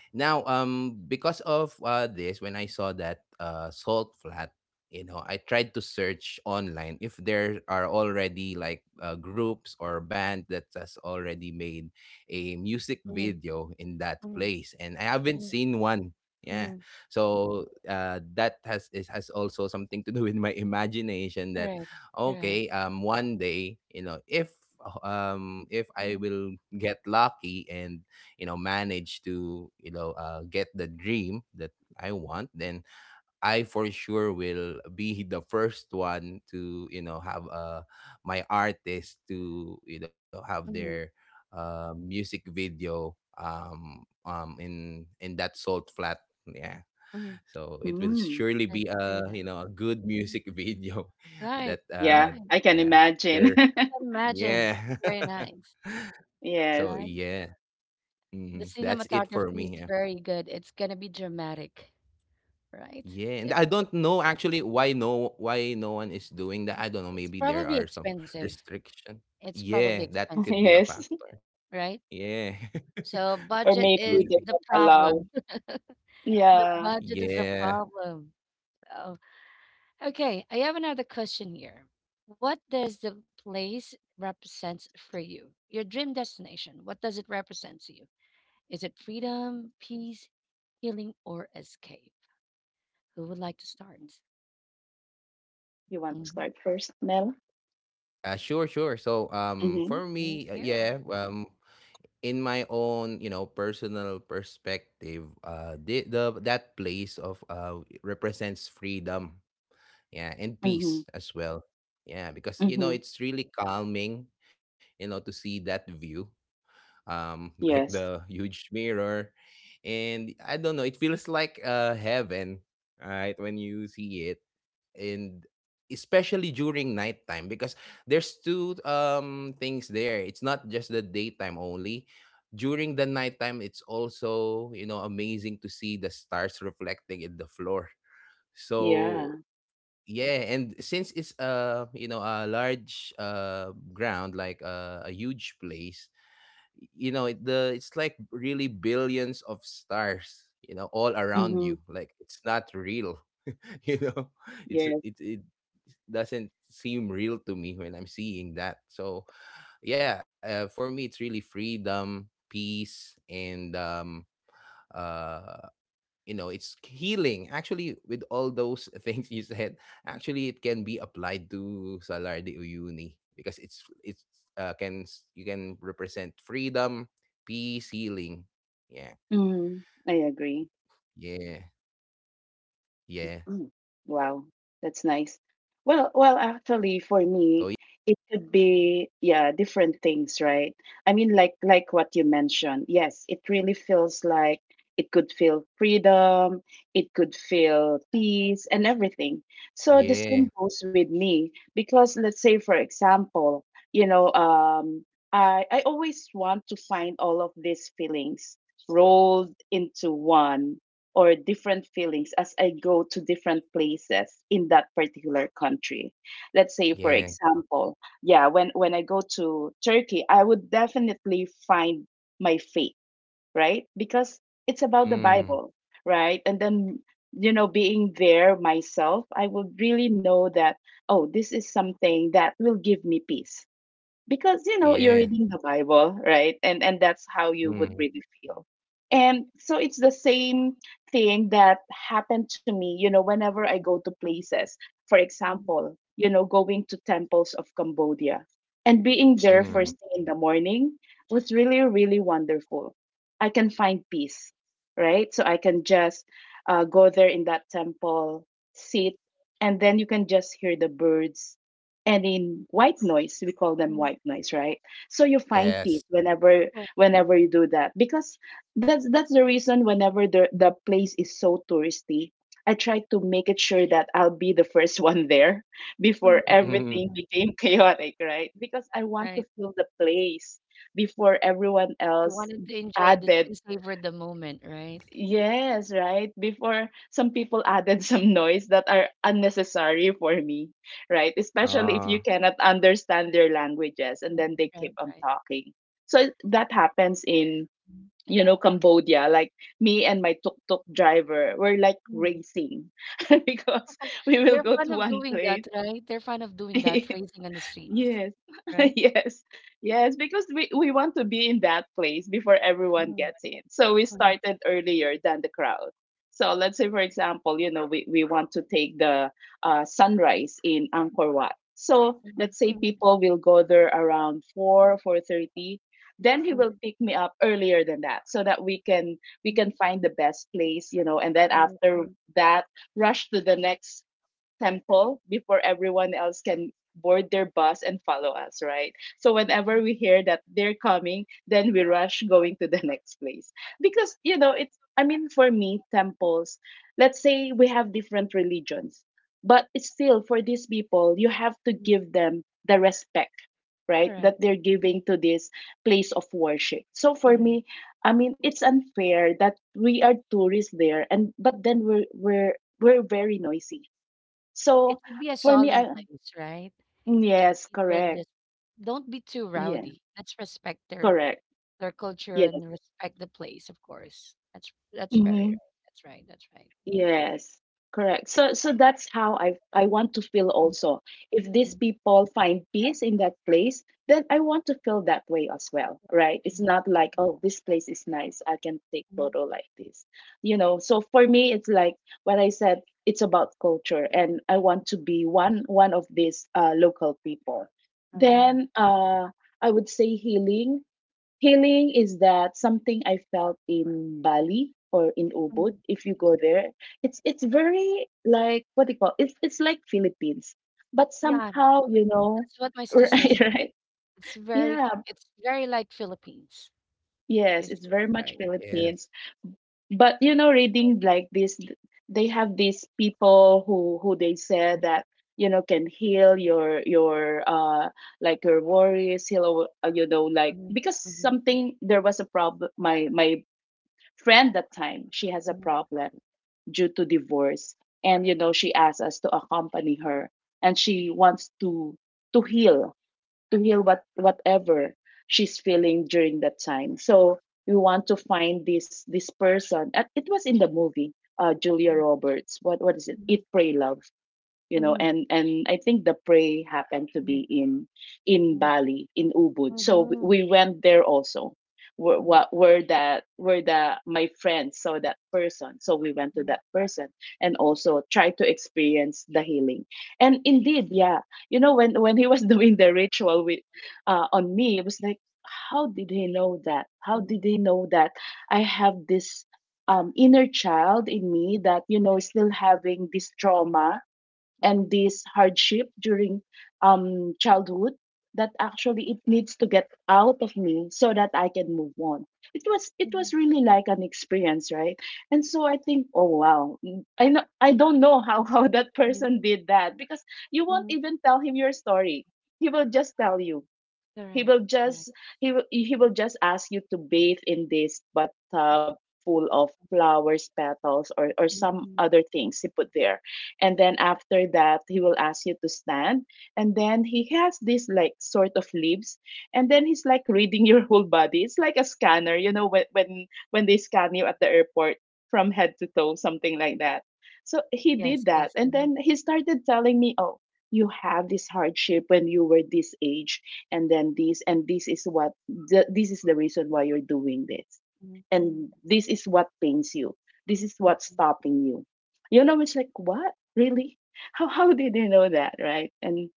[SPEAKER 3] Now, because of this, when I saw that salt flat, you know, I tried to search online if there are already like, groups or band that has already made a music
[SPEAKER 1] Mm,
[SPEAKER 3] video in that
[SPEAKER 1] mm,
[SPEAKER 3] place, and I haven't
[SPEAKER 1] mm,
[SPEAKER 3] seen one. Yeah,
[SPEAKER 1] mm.
[SPEAKER 3] so, that has it has also something to do with my imagination. That,
[SPEAKER 1] Correct, correct.
[SPEAKER 3] okay, one day, you know, if I
[SPEAKER 1] Mm,
[SPEAKER 3] will get lucky and, you know, manage to, you know, get the dream that I want, then I for sure will be the first one to, you know, have my artist to, you know, have their
[SPEAKER 1] mm,
[SPEAKER 3] music video, in that salt flat. Yeah,
[SPEAKER 1] mm.
[SPEAKER 3] so it will
[SPEAKER 2] Mm.
[SPEAKER 3] surely be
[SPEAKER 1] That's
[SPEAKER 3] a,
[SPEAKER 1] pretty
[SPEAKER 3] you
[SPEAKER 1] nice.
[SPEAKER 3] know, a good music
[SPEAKER 1] Mm.
[SPEAKER 3] video that
[SPEAKER 1] Right,
[SPEAKER 2] Yeah,
[SPEAKER 1] right.
[SPEAKER 2] I can
[SPEAKER 3] yeah,
[SPEAKER 2] imagine.
[SPEAKER 3] they're,
[SPEAKER 1] Imagine.
[SPEAKER 3] yeah,
[SPEAKER 1] Very nice,
[SPEAKER 3] so
[SPEAKER 2] Yes.
[SPEAKER 1] right?
[SPEAKER 3] yeah,
[SPEAKER 1] The
[SPEAKER 3] mhm, that's it for
[SPEAKER 1] cinematography
[SPEAKER 3] me,
[SPEAKER 1] is
[SPEAKER 3] yeah.
[SPEAKER 1] very good. It's gonna be dramatic, right?
[SPEAKER 3] Yeah, and
[SPEAKER 1] If,
[SPEAKER 3] I don't
[SPEAKER 1] if-
[SPEAKER 3] know actually, why no one is doing that. I don't know,
[SPEAKER 1] it's
[SPEAKER 3] maybe there
[SPEAKER 1] probably
[SPEAKER 3] are some
[SPEAKER 1] expensive.
[SPEAKER 3] restriction.
[SPEAKER 1] It's probably
[SPEAKER 3] Yeah, that
[SPEAKER 1] expensive,
[SPEAKER 3] could be a
[SPEAKER 2] Yes.
[SPEAKER 3] factor.
[SPEAKER 1] right?
[SPEAKER 3] Yeah.
[SPEAKER 1] So
[SPEAKER 2] Or
[SPEAKER 3] It
[SPEAKER 1] budget
[SPEAKER 2] maybe
[SPEAKER 3] could
[SPEAKER 1] is
[SPEAKER 3] be.
[SPEAKER 2] they
[SPEAKER 1] the
[SPEAKER 2] won't allow.
[SPEAKER 1] problem. The
[SPEAKER 2] Yeah.
[SPEAKER 1] budget is the
[SPEAKER 3] Yeah.
[SPEAKER 1] problem. Oh, okay. I have another question here. What does the place represent for you? Your dream destination. What does it represent to you? Is it freedom, peace, healing, or escape? Who would like to start?
[SPEAKER 2] You want to
[SPEAKER 1] Hmm.
[SPEAKER 2] start first, Mel?
[SPEAKER 3] Sure, sure. So,
[SPEAKER 2] Mm-hmm.
[SPEAKER 3] for
[SPEAKER 1] Thank
[SPEAKER 3] me,
[SPEAKER 1] you.
[SPEAKER 3] yeah, in my own, you know, personal perspective, the that place of represents freedom. Yeah, and
[SPEAKER 2] Mm-hmm.
[SPEAKER 3] peace as well. Yeah, because, you know,
[SPEAKER 2] Mm-hmm.
[SPEAKER 3] it's really calming, you know, to see that view, like the
[SPEAKER 2] Yes.
[SPEAKER 3] huge mirror. And I don't know, it feels like heaven, right, when you see it. And especially during nighttime, because there's two things there, it's not just the daytime only. During the nighttime, it's also, you know, amazing to see the stars reflecting in the floor.
[SPEAKER 2] Yeah.
[SPEAKER 3] So yeah, and since it's, you know, a large ground, like, a huge place, you know, it's like really billions of stars, you know, all around
[SPEAKER 2] Mm-hmm.
[SPEAKER 3] you, like it's not real. you know
[SPEAKER 2] Yes.
[SPEAKER 3] it doesn't seem real to me when I'm seeing that. So yeah, for me it's really freedom, peace, and uh you know, it's healing, actually, with all those things you said. Actually it can be applied to Salar de Uyuni because it's you can represent freedom, peace, healing. Yeah,
[SPEAKER 2] Mm-hmm. I agree.
[SPEAKER 3] yeah, yeah.
[SPEAKER 2] Mm.
[SPEAKER 3] So yeah, that,
[SPEAKER 2] Wow,
[SPEAKER 3] that's just it
[SPEAKER 2] that's
[SPEAKER 3] for me,
[SPEAKER 2] nice.
[SPEAKER 3] with this
[SPEAKER 2] Well,
[SPEAKER 3] question.
[SPEAKER 2] actually, for me, it could be, yeah, different things, right? I mean, like what you mentioned. Yes, it really feels like it could feel freedom, it could feel peace and everything. So the same goes
[SPEAKER 3] Yeah,
[SPEAKER 2] with me because let's say, for example, you know, I always want to find all of these feelings rolled into one or different feelings as I go to different places in that particular country. Let's say, for
[SPEAKER 3] yeah.
[SPEAKER 2] example, yeah, when I go to Turkey, I would definitely find my faith, right? Because it's about the Bible,
[SPEAKER 3] Mm,
[SPEAKER 2] right? And then, you know, being there myself, I would really know that, oh, this is something that will give me peace because you know you're reading
[SPEAKER 3] yeah.
[SPEAKER 2] the Bible, right? And that's how you would really
[SPEAKER 3] Mm,
[SPEAKER 2] feel. And so it's the same thing that happened to me, you know, whenever I go to places, for
[SPEAKER 1] Mhm.
[SPEAKER 2] example, you know, going to temples of Cambodia, and being there first thing
[SPEAKER 3] mm,
[SPEAKER 2] in the morning was really really wonderful. I can find peace, right? So I can just go there in that temple, sit, and then you can just hear the birds, and in white noise, we call them
[SPEAKER 1] Mhm.
[SPEAKER 2] white noise, right? So you find peace
[SPEAKER 3] yes.
[SPEAKER 2] whenever
[SPEAKER 1] Correct.
[SPEAKER 2] whenever you do that because that's the reason whenever the place is so touristy, I try to make it sure that I'll be the first one there
[SPEAKER 1] Mhm.
[SPEAKER 2] before everything
[SPEAKER 1] Mhm.
[SPEAKER 3] Mm,
[SPEAKER 2] became chaotic, right? Because I want to
[SPEAKER 1] Right.
[SPEAKER 2] feel the place before everyone
[SPEAKER 1] You
[SPEAKER 2] else
[SPEAKER 1] wanted to enjoy the
[SPEAKER 2] added.
[SPEAKER 1] and savor the moment, right?
[SPEAKER 2] Yes, right. Before some people added some noise that are unnecessary for me, right? Especially if you
[SPEAKER 3] ah,
[SPEAKER 2] cannot understand their languages and
[SPEAKER 1] Right,
[SPEAKER 2] then they
[SPEAKER 1] right,
[SPEAKER 2] keep on
[SPEAKER 1] right.
[SPEAKER 2] talking. So that happens in,
[SPEAKER 1] Hmm.
[SPEAKER 2] you know, Cambodia. Like me and my tuk-tuk driver were like
[SPEAKER 1] Mhm.
[SPEAKER 2] racing because we will
[SPEAKER 1] They're
[SPEAKER 2] go
[SPEAKER 1] fond
[SPEAKER 2] to
[SPEAKER 1] of
[SPEAKER 2] one
[SPEAKER 1] doing
[SPEAKER 2] place.
[SPEAKER 1] that, right? They're fond of doing that, racing on the streets,
[SPEAKER 2] Yes,
[SPEAKER 1] right?
[SPEAKER 2] yes, yes, because we want to be in that place before everyone
[SPEAKER 1] Mhm.
[SPEAKER 2] gets in. So we
[SPEAKER 1] Mhm.
[SPEAKER 2] started earlier than the crowd. So let's say, for example, you know, we want to take the sunrise in Angkor Wat. So let's say
[SPEAKER 1] Mhm.
[SPEAKER 2] people will go there around 4, 4:30. Then he will
[SPEAKER 1] Mhm.
[SPEAKER 2] pick me up earlier than that so that we can
[SPEAKER 1] Mhm.
[SPEAKER 2] we
[SPEAKER 1] Mhm.
[SPEAKER 2] can find the best place, you know, and then
[SPEAKER 1] Right,
[SPEAKER 2] after
[SPEAKER 1] right.
[SPEAKER 2] that, rush to the next temple before everyone else can board their bus and follow us, right? So whenever we hear that they're coming, then we rush going to the next place. Because, you know, it's, I mean, for me, temples, let's say we have different religions, but it's still for these people, you have to
[SPEAKER 1] Mhm.
[SPEAKER 2] give them the respect, right?
[SPEAKER 1] Correct.
[SPEAKER 2] That they're
[SPEAKER 1] Mhm.
[SPEAKER 2] giving to this place of worship. So for
[SPEAKER 1] Correct.
[SPEAKER 2] me, I mean, it's unfair that we are tourists there but then we're very noisy.
[SPEAKER 1] It
[SPEAKER 2] So
[SPEAKER 1] should be a
[SPEAKER 2] for me,
[SPEAKER 1] solemn place, right? Should
[SPEAKER 2] yes,
[SPEAKER 1] be there. Just
[SPEAKER 2] correct.
[SPEAKER 1] don't be too
[SPEAKER 2] Yeah,
[SPEAKER 1] rowdy. Let's respect
[SPEAKER 2] correct.
[SPEAKER 1] their culture
[SPEAKER 2] Yes.
[SPEAKER 1] and respect the place, of course. That's very
[SPEAKER 2] Mm-hmm.
[SPEAKER 1] right. That's right. That's right. Mhm.
[SPEAKER 2] Yes, correct. So so that's how I want to feel also. If
[SPEAKER 1] Mm,
[SPEAKER 2] these
[SPEAKER 1] mm,
[SPEAKER 2] people find peace in that place, then I want to feel that way as well, right? It's
[SPEAKER 1] mm,
[SPEAKER 2] not like, oh, this place is nice. I can take
[SPEAKER 1] mm.
[SPEAKER 2] photo like this. You know, so for me it's like what I said, it's about culture and I want to be one of these local people.
[SPEAKER 1] Uh-huh.
[SPEAKER 2] Then I would say healing. Healing is that something I felt in Bali or in
[SPEAKER 1] Mm.
[SPEAKER 2] Ubud. If you go there, it's very like, what do you call, it's like Philippines, but
[SPEAKER 1] Yeah,
[SPEAKER 2] somehow, you know,
[SPEAKER 1] that's what my sister
[SPEAKER 2] right,
[SPEAKER 1] said.
[SPEAKER 2] right,
[SPEAKER 1] It's very
[SPEAKER 2] yeah,
[SPEAKER 1] it's very like Philippines.
[SPEAKER 2] yes, it's
[SPEAKER 1] It's
[SPEAKER 2] very much
[SPEAKER 1] right.
[SPEAKER 2] Philippines.
[SPEAKER 3] yes,
[SPEAKER 2] But you know,
[SPEAKER 1] You know,
[SPEAKER 2] reading like this, they have these people who they say that you know can heal your like your worries heal, you know, like
[SPEAKER 1] mhm,
[SPEAKER 2] because
[SPEAKER 1] mhm,
[SPEAKER 2] something, there was a problem, my friend that time, she has a
[SPEAKER 1] mhm,
[SPEAKER 2] problem due to divorce, and you know she asked us to accompany her, and she wants to heal to heal whatever she's feeling during that time. So we want to find this person. It was in the movie, Julia Roberts, what is it,
[SPEAKER 1] mhm,
[SPEAKER 2] Eat Pray Love, you
[SPEAKER 1] mhm,
[SPEAKER 2] know.
[SPEAKER 1] mhm,
[SPEAKER 2] And I think the prey happened to be in in
[SPEAKER 1] mhm,
[SPEAKER 2] bali in Ubud, so we went there also, where what where that where the my friends saw that person. So we went to that person and also tried to experience the healing, and indeed, yeah, you know, when he was doing the ritual with, on me, it was like, how did he know that, how did he know that I have this inner child in me, that you know is still having this trauma and
[SPEAKER 1] mhm,
[SPEAKER 2] this hardship during childhood, that actually it needs to get out of me so that I can move on. It was
[SPEAKER 1] mhm,
[SPEAKER 2] really like an experience, right? And so I think, oh wow, I don't know how how that
[SPEAKER 1] mhm,
[SPEAKER 2] person did that, because
[SPEAKER 1] mhm. Correct.
[SPEAKER 2] you
[SPEAKER 1] Mhm, mhm,
[SPEAKER 2] won't
[SPEAKER 1] mhm, mhm.
[SPEAKER 2] even tell him your story. He will just tell you, he
[SPEAKER 1] Correct.
[SPEAKER 2] will
[SPEAKER 1] Correct.
[SPEAKER 2] just he will just ask you to bathe in this bathtub full of flowers petals or
[SPEAKER 1] Mhm,
[SPEAKER 2] some
[SPEAKER 1] mhm.
[SPEAKER 2] other things he put there. And then after that, he will ask you to stand, and then he has this like sort of leaves, and then he's like reading your whole body. It's like a scanner, you know, when they scan you at the airport, from head to toe, something like that. So he did
[SPEAKER 1] Yes.
[SPEAKER 2] that,
[SPEAKER 1] Yes.
[SPEAKER 2] and then
[SPEAKER 1] Mhm,
[SPEAKER 2] he started telling me, oh, you have this hardship when you were this age, and then this, and this is what, this is the reason why you're doing this,
[SPEAKER 1] mhm,
[SPEAKER 2] and this is what pains you, this is what's
[SPEAKER 1] mhm,
[SPEAKER 2] stopping you, you know. It's like, what really, how did they know that, right? And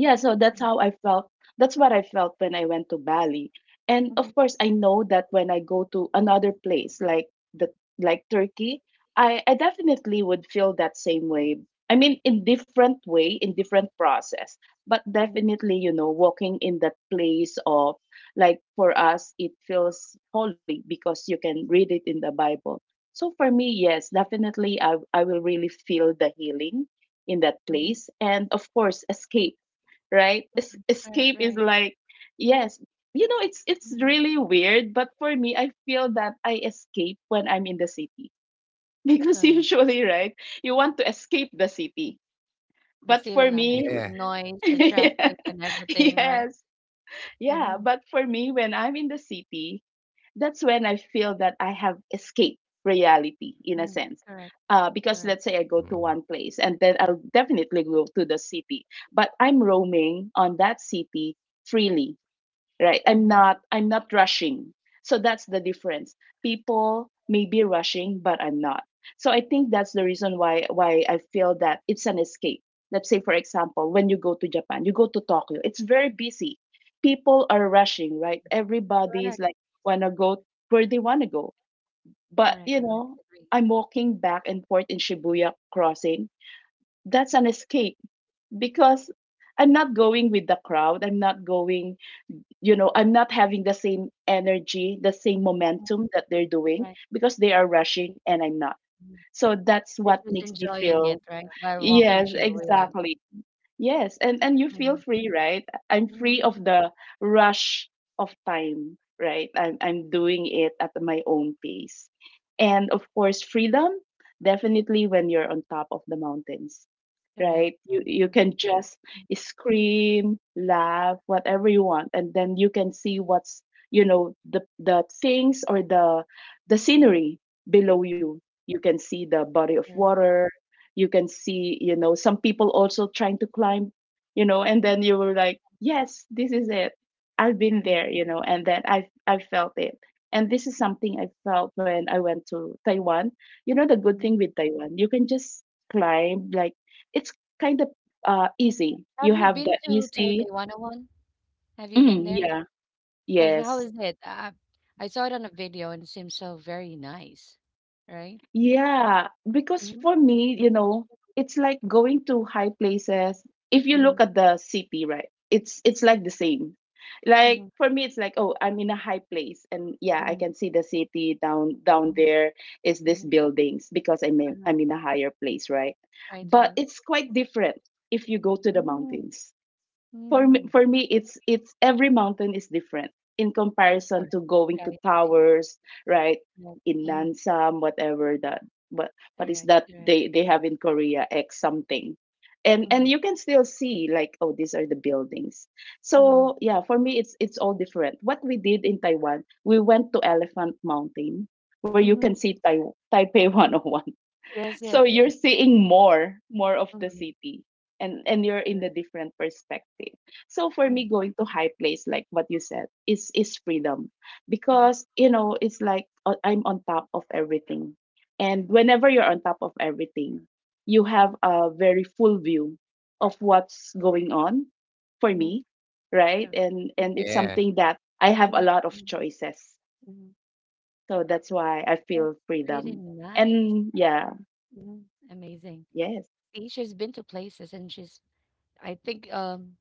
[SPEAKER 2] yeah, so that's
[SPEAKER 1] mhm,
[SPEAKER 2] how I felt, that's what I felt when I went to Bali. And of
[SPEAKER 1] mhm,
[SPEAKER 2] course I know that when I go to another place like the like Turkey, I definitely would feel that same way. I mean in different way, in different process, but
[SPEAKER 1] mhm.
[SPEAKER 2] definitely, you know, walking in that place of, like for us it feels holy because you can read it in the Bible. So for me, yes, definitely, I will really feel the healing in that
[SPEAKER 1] Mhm,
[SPEAKER 2] place. And of course escape, right? Es-
[SPEAKER 1] mhm. Right,
[SPEAKER 2] escape is
[SPEAKER 1] right.
[SPEAKER 2] like, yes, you know, it's
[SPEAKER 1] Mhm.
[SPEAKER 2] really weird, but for me, I feel that I escape when I'm in the city because
[SPEAKER 1] Correct.
[SPEAKER 2] usually, right, you want to escape the city.
[SPEAKER 1] The
[SPEAKER 2] But
[SPEAKER 1] city
[SPEAKER 2] for
[SPEAKER 1] life,
[SPEAKER 2] me,
[SPEAKER 1] the
[SPEAKER 3] yeah.
[SPEAKER 1] noise, the traffic, and everything, right?
[SPEAKER 2] yes,
[SPEAKER 1] Mm-hmm.
[SPEAKER 2] yeah, but for me, when I'm in the city, that's when I feel that I have escaped reality in a
[SPEAKER 1] Mm-hmm.
[SPEAKER 2] sense.
[SPEAKER 1] Correct,
[SPEAKER 2] Because
[SPEAKER 1] correct.
[SPEAKER 2] let's say I go to one
[SPEAKER 3] Mm,
[SPEAKER 2] place and then I'll definitely go to the city, but I'm roaming on that city freely, right? i'm
[SPEAKER 1] Mm-hmm.
[SPEAKER 2] not i'm not rushing. So that's the difference. People may be rushing, but I'm not. So I think that's the reason why I feel that it's an escape. Let's say, for example, when you go to Japan, you go to Tokyo, it's very busy. People are rushing, right? Everybody's
[SPEAKER 1] Correct,
[SPEAKER 2] like, wanna go where they wanna go. But
[SPEAKER 1] correct,
[SPEAKER 2] you
[SPEAKER 1] correct.
[SPEAKER 2] know,
[SPEAKER 1] Agree.
[SPEAKER 2] I'm walking back and forth in Shibuya crossing. That's an escape, because I'm not going with the crowd, I'm not going, you know, I'm not having the same energy, the same momentum that they're doing,
[SPEAKER 1] Right.
[SPEAKER 2] because they are rushing and I'm not.
[SPEAKER 1] Mhm.
[SPEAKER 2] So that's
[SPEAKER 1] We're
[SPEAKER 2] what
[SPEAKER 1] just
[SPEAKER 2] makes me
[SPEAKER 1] enjoying it,
[SPEAKER 2] feel,
[SPEAKER 1] right? While walking
[SPEAKER 2] yes,
[SPEAKER 1] Shibuya.
[SPEAKER 2] exactly, yes. And you feel
[SPEAKER 1] Mm-hmm.
[SPEAKER 2] free, right? I'm free of
[SPEAKER 1] Mm-hmm.
[SPEAKER 2] the rush of time, right? I'm doing it at my own pace. And of course freedom, definitely when you're on top of the mountains,
[SPEAKER 1] Correct.
[SPEAKER 2] right? You
[SPEAKER 1] Mm-hmm.
[SPEAKER 2] can just scream, laugh, whatever you want, and then you can see what's, you know, the things, or the
[SPEAKER 1] Mm-hmm.
[SPEAKER 2] scenery below you. You can see the body of
[SPEAKER 1] Correct.
[SPEAKER 2] water. You can see, you know, some people also trying to climb, you know, and then you were like, yes, this is it. I've been
[SPEAKER 1] Mm-hmm.
[SPEAKER 2] there, you know, and then I felt it. And this is something I felt when I went to Taiwan. You know the good thing
[SPEAKER 1] Mm-hmm.
[SPEAKER 2] with Taiwan, you can just climb like, it's kind of, easy.
[SPEAKER 1] Have
[SPEAKER 2] You
[SPEAKER 1] you
[SPEAKER 2] have the
[SPEAKER 1] been to
[SPEAKER 2] easy,
[SPEAKER 1] Taipei 101? Have you been
[SPEAKER 2] mm,
[SPEAKER 1] there?
[SPEAKER 2] yeah,
[SPEAKER 1] How
[SPEAKER 2] yes.
[SPEAKER 1] is it? I saw it on a video and it seems so very nice, right?
[SPEAKER 2] Yeah, because
[SPEAKER 1] Mm-hmm.
[SPEAKER 2] for me, you know, it's like going to high places. If you look at the city, right? It's like
[SPEAKER 1] Mhm,
[SPEAKER 2] the same. Like
[SPEAKER 1] mhm,
[SPEAKER 2] for me, it's like, oh, I'm in a high place, and yeah, I
[SPEAKER 1] mhm,
[SPEAKER 2] can see the city down
[SPEAKER 1] mhm,
[SPEAKER 2] there is this
[SPEAKER 1] mhm.
[SPEAKER 2] buildings because I'm in,
[SPEAKER 1] Uh-huh.
[SPEAKER 2] I'm in a higher place, right?
[SPEAKER 1] Right,
[SPEAKER 2] But
[SPEAKER 1] right.
[SPEAKER 2] it's quite different if you go to the
[SPEAKER 1] Mm,
[SPEAKER 2] mountains. For me,
[SPEAKER 1] mhm.
[SPEAKER 2] for me, it's every mountain is different in
[SPEAKER 1] Of
[SPEAKER 2] comparison
[SPEAKER 1] course.
[SPEAKER 2] to going
[SPEAKER 1] Right,
[SPEAKER 2] to
[SPEAKER 1] right,
[SPEAKER 2] towers, right?
[SPEAKER 1] right.
[SPEAKER 2] In
[SPEAKER 1] Mhm.
[SPEAKER 2] Nansam, whatever that what what is
[SPEAKER 1] Correct,
[SPEAKER 2] that
[SPEAKER 1] correct.
[SPEAKER 2] they have in Korea X something, and
[SPEAKER 1] Mhm,
[SPEAKER 2] you can still see, like, oh, these are the buildings.
[SPEAKER 1] mhm,
[SPEAKER 2] So yeah, for me it's all different. What we did in Taiwan, we went to Elephant Mountain where you can
[SPEAKER 1] mhm,
[SPEAKER 2] see Taipei
[SPEAKER 1] mhm.
[SPEAKER 2] 101,
[SPEAKER 1] Yes, yes,
[SPEAKER 2] so you're
[SPEAKER 1] yes.
[SPEAKER 2] seeing more of the
[SPEAKER 1] Mhm.
[SPEAKER 2] city, and you're in a
[SPEAKER 1] Correct.
[SPEAKER 2] different perspective. So for me,
[SPEAKER 1] Mhm,
[SPEAKER 2] going to high place like what you said is freedom,
[SPEAKER 1] mhm,
[SPEAKER 2] because you know it's like, I'm on top of everything. And whenever you're on top of everything, you have a very full view of what's going on, for
[SPEAKER 1] mhm.
[SPEAKER 2] me, right?
[SPEAKER 1] Correct.
[SPEAKER 2] And
[SPEAKER 1] Mhm,
[SPEAKER 2] it's something
[SPEAKER 3] yeah.
[SPEAKER 2] that I have a
[SPEAKER 1] mhm,
[SPEAKER 2] lot of
[SPEAKER 1] mhm,
[SPEAKER 2] choices,
[SPEAKER 1] mhm.
[SPEAKER 2] so that's why I
[SPEAKER 1] That's
[SPEAKER 2] feel
[SPEAKER 1] really
[SPEAKER 2] freedom.
[SPEAKER 1] nice.
[SPEAKER 2] And yeah.
[SPEAKER 1] Mhm. Amazing.
[SPEAKER 2] Yes,
[SPEAKER 1] See, she's been to places and she's, I think,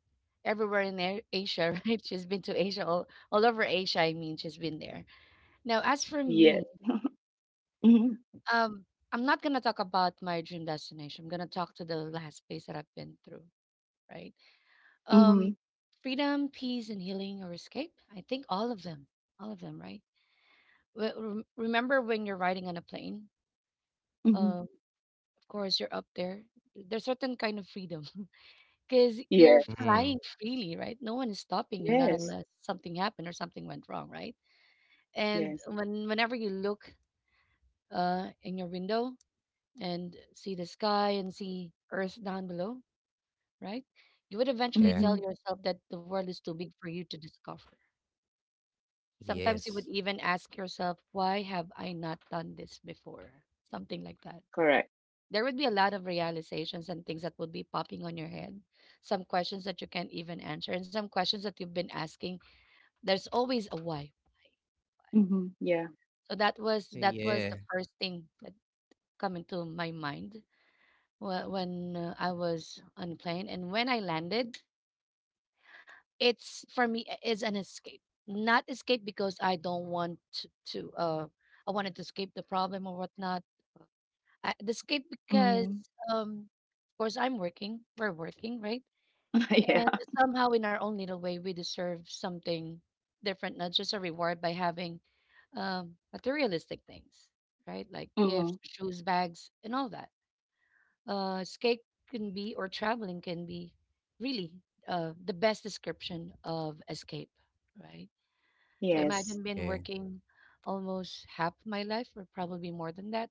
[SPEAKER 1] everywhere in A- Asia, right? She's been to Asia, all over Asia. I mean, she's been there. Now, as for
[SPEAKER 2] yes.
[SPEAKER 1] me,
[SPEAKER 2] Mhm,
[SPEAKER 1] um, I'm not gonna talk about my dream destination. I'm gonna talk to the last place that I've been through, right? Um,
[SPEAKER 2] mhm,
[SPEAKER 1] Freedom, peace, and healing or escape. I think all of them, right? Remember when you're riding on a plane?
[SPEAKER 2] mhm.
[SPEAKER 1] Um, of course, you're up there. There's certain kind of freedom because you're
[SPEAKER 2] Yes.
[SPEAKER 1] flying
[SPEAKER 3] Mm,
[SPEAKER 1] freely, right? No one is stopping you, not
[SPEAKER 2] Yes.
[SPEAKER 1] unless something happened or something went wrong, right? And
[SPEAKER 2] Yes.
[SPEAKER 1] when whenever you look in your window, and see the sky and see Earth down below, right? You would eventually
[SPEAKER 3] yeah,
[SPEAKER 2] Mhm.
[SPEAKER 1] tell yourself that the world is too big for you to discover.
[SPEAKER 3] yes.
[SPEAKER 1] Sometimes you would even ask yourself, why have I not done this before? Something like that.
[SPEAKER 2] Correct.
[SPEAKER 1] There would be a lot of realizations and things that would be popping on your head. Some questions that you can't even answer, and some questions that you've been asking. There's always a why.
[SPEAKER 2] Mhm, yeah.
[SPEAKER 1] So that was the
[SPEAKER 3] Yeah,
[SPEAKER 1] first thing that come into my mind when I was on a plane and when I landed, it's for me is an escape. Not escape because I don't want to I wanted to escape the problem or whatnot. The escape because
[SPEAKER 2] Mhm.
[SPEAKER 1] um of course I'm working, we're working, right?
[SPEAKER 2] Yeah.
[SPEAKER 1] And somehow in our own little way we deserve something different, not just a reward by having materialistic things, right? Like
[SPEAKER 2] Mhm,
[SPEAKER 1] gifts, shoes, bags, and all that. Escape can be, or traveling can be, really the best description of escape, right? So
[SPEAKER 2] yes.
[SPEAKER 1] imagine been
[SPEAKER 3] yeah.
[SPEAKER 1] working almost half my life, or probably more than that,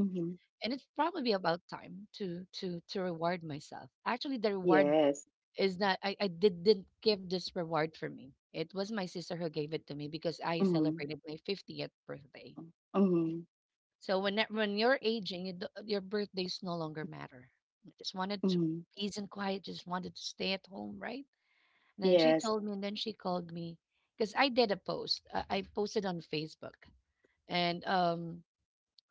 [SPEAKER 2] Mhm,
[SPEAKER 1] and it's probably about time to reward myself. Actually, the reward
[SPEAKER 2] yes.
[SPEAKER 1] is not. Didn't give this reward for me. It was my sister who gave it to me because I
[SPEAKER 2] Mhm,
[SPEAKER 1] celebrated my 50th birthday.
[SPEAKER 2] mhm,
[SPEAKER 1] So when when you're aging, your birthdays no longer matter. I just wanted to
[SPEAKER 2] mhm.
[SPEAKER 1] peace and quiet. Just wanted to stay at home, right? And then she
[SPEAKER 2] Yes.
[SPEAKER 1] told me, and then she called me because I did a post. I posted on Facebook, and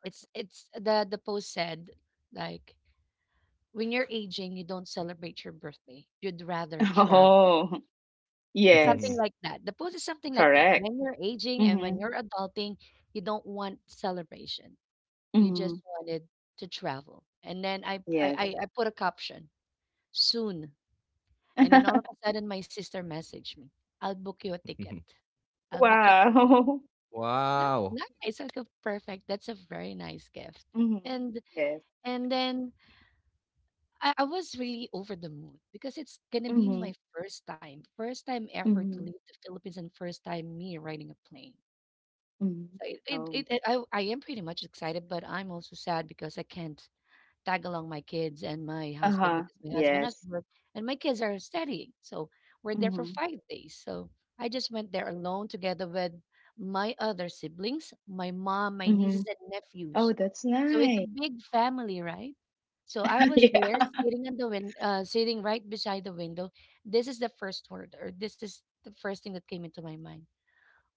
[SPEAKER 1] it's the post said like, when you're aging, you don't celebrate your birthday. You'd rather travel.
[SPEAKER 2] Oh,
[SPEAKER 1] Something
[SPEAKER 2] yes.
[SPEAKER 1] like that. The post is something like that.
[SPEAKER 2] Correct.
[SPEAKER 1] When you're aging and when
[SPEAKER 2] Mhm,
[SPEAKER 1] you're adulting, you don't want celebration. You just
[SPEAKER 2] mhm.
[SPEAKER 1] wanted to travel. And then
[SPEAKER 2] Yes.
[SPEAKER 1] I put a caption, "Soon." And then all of a sudden, my sister messaged me, "I'll book you a ticket. I'll book a ticket."
[SPEAKER 2] Wow.
[SPEAKER 1] Ni-
[SPEAKER 3] Wow.
[SPEAKER 1] Nice. I go, perfect. That's a very nice gift.
[SPEAKER 2] Mhm,
[SPEAKER 1] And
[SPEAKER 2] yes.
[SPEAKER 1] then I was really over the moon because it's gonna be my
[SPEAKER 2] Mhm,
[SPEAKER 1] first time ever to
[SPEAKER 2] mhm,
[SPEAKER 1] leave the Philippines and first time me riding a plane.
[SPEAKER 2] mhm.
[SPEAKER 1] So it, it, it,
[SPEAKER 2] Oh.
[SPEAKER 1] it I, I am pretty much excited, but I'm also sad because I can't tag along my kids and my husband
[SPEAKER 2] Uh-huh.
[SPEAKER 1] because my husband has
[SPEAKER 2] Yes.
[SPEAKER 1] work and my kids are studying. So we're there for
[SPEAKER 2] Mhm,
[SPEAKER 1] 5 days. So I just went there alone together with my other siblings, my mom, my nieces
[SPEAKER 2] mhm.
[SPEAKER 1] and
[SPEAKER 2] Oh,
[SPEAKER 1] nephews.
[SPEAKER 2] that's
[SPEAKER 1] So it's
[SPEAKER 2] nice.
[SPEAKER 1] a big family, right? So I was there
[SPEAKER 2] Yeah.
[SPEAKER 1] sitting on the sitting right beside the window. This is the first word, or this is the first thing that came into my mind.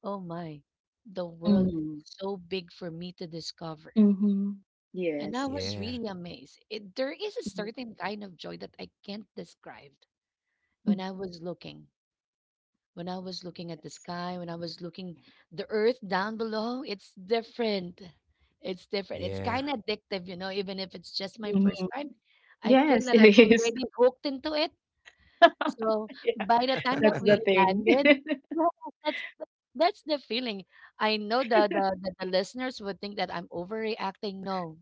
[SPEAKER 1] Oh my, the world
[SPEAKER 2] Mm.
[SPEAKER 1] is so big for me to discover.
[SPEAKER 2] Mhm.
[SPEAKER 1] And I
[SPEAKER 2] Yes.
[SPEAKER 1] was
[SPEAKER 3] Yeah,
[SPEAKER 1] really amazed. There is a
[SPEAKER 2] Mhm,
[SPEAKER 1] certain kind of joy that I can't describe
[SPEAKER 2] mm.
[SPEAKER 1] when I was looking. When I was looking at the
[SPEAKER 2] Yes.
[SPEAKER 1] sky, when I was looking the earth down below, it's different. It's different. It's kind
[SPEAKER 3] yeah.
[SPEAKER 1] of addictive, even if it's just my first
[SPEAKER 2] Mhm.
[SPEAKER 1] time. I feel
[SPEAKER 2] Yes,
[SPEAKER 1] that I'm
[SPEAKER 2] it is.
[SPEAKER 1] already hooked into it. So
[SPEAKER 2] Yeah,
[SPEAKER 1] by the time that
[SPEAKER 2] that's
[SPEAKER 1] we
[SPEAKER 2] the thing.
[SPEAKER 1] landed, yeah, that's the- that's the feeling. I know the listeners would think that I'm overreacting. No,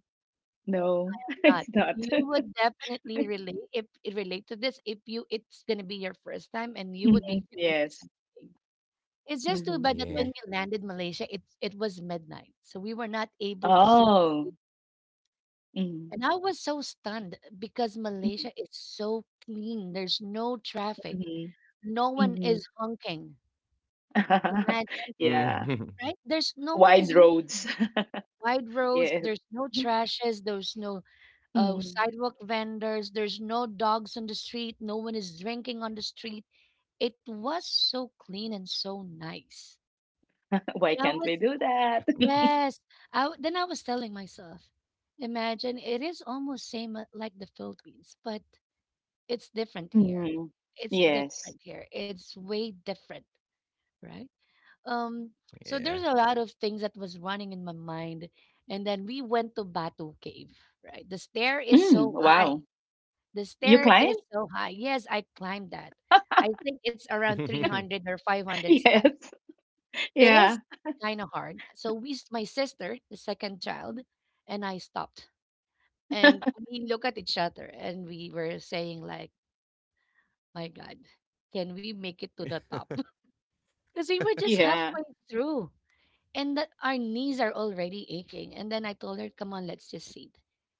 [SPEAKER 2] No,
[SPEAKER 1] not.
[SPEAKER 2] it's not.
[SPEAKER 1] You would definitely relate if it relate to this if you it's gonna be your first time and you
[SPEAKER 2] Mhm.
[SPEAKER 1] would be feeling the same
[SPEAKER 2] Yes.
[SPEAKER 1] thing. It's just too
[SPEAKER 2] Mhm.
[SPEAKER 1] bad that
[SPEAKER 3] Yeah.
[SPEAKER 1] when
[SPEAKER 2] Yes.
[SPEAKER 1] we landed Malaysia, it was midnight, so we were not able to see the
[SPEAKER 2] Oh.
[SPEAKER 1] city.
[SPEAKER 2] Mhm.
[SPEAKER 1] And I was so stunned because
[SPEAKER 2] Mhm.
[SPEAKER 1] Malaysia is so clean. There's no traffic.
[SPEAKER 2] Mhm.
[SPEAKER 1] No one is
[SPEAKER 2] Mhm.
[SPEAKER 1] honking. Imagine,
[SPEAKER 2] Yeah.
[SPEAKER 3] Mhm.
[SPEAKER 1] right? There's no one is
[SPEAKER 2] Wide roads.
[SPEAKER 1] honking. Wide roads.
[SPEAKER 2] Yes.
[SPEAKER 1] There's no trashes. There's no
[SPEAKER 2] Mhm.
[SPEAKER 1] sidewalk vendors. There's no dogs on the street. No one is drinking on the street. It was so clean and so nice.
[SPEAKER 2] Why
[SPEAKER 1] And I
[SPEAKER 2] can't
[SPEAKER 1] was,
[SPEAKER 2] we do that?
[SPEAKER 1] yes. Then I was telling myself, imagine it is almost same like the Philippines, but it's different here.
[SPEAKER 2] Mm.
[SPEAKER 1] It's
[SPEAKER 2] Yes.
[SPEAKER 1] different here. It's way different, right? Um, so there's
[SPEAKER 3] Yeah.
[SPEAKER 1] a lot of things that was running in my mind. And then we went to Batu Cave, right? The stair is
[SPEAKER 2] Mm.
[SPEAKER 1] so
[SPEAKER 2] Wow.
[SPEAKER 1] high. The
[SPEAKER 2] You
[SPEAKER 1] stair
[SPEAKER 2] climb?
[SPEAKER 1] is so high. Yes, I climbed that. I think it's around 300 or 500 steps.
[SPEAKER 2] Yes.
[SPEAKER 1] It is
[SPEAKER 2] Yeah.
[SPEAKER 1] kind of hard. So my sister, the second child, and I stopped. And we look at each other and we were saying like, my God, can we make it to the top? Because we were just
[SPEAKER 2] Yeah.
[SPEAKER 1] halfway through, and that our knees are already aching. And then I told her, come on, let's just sit.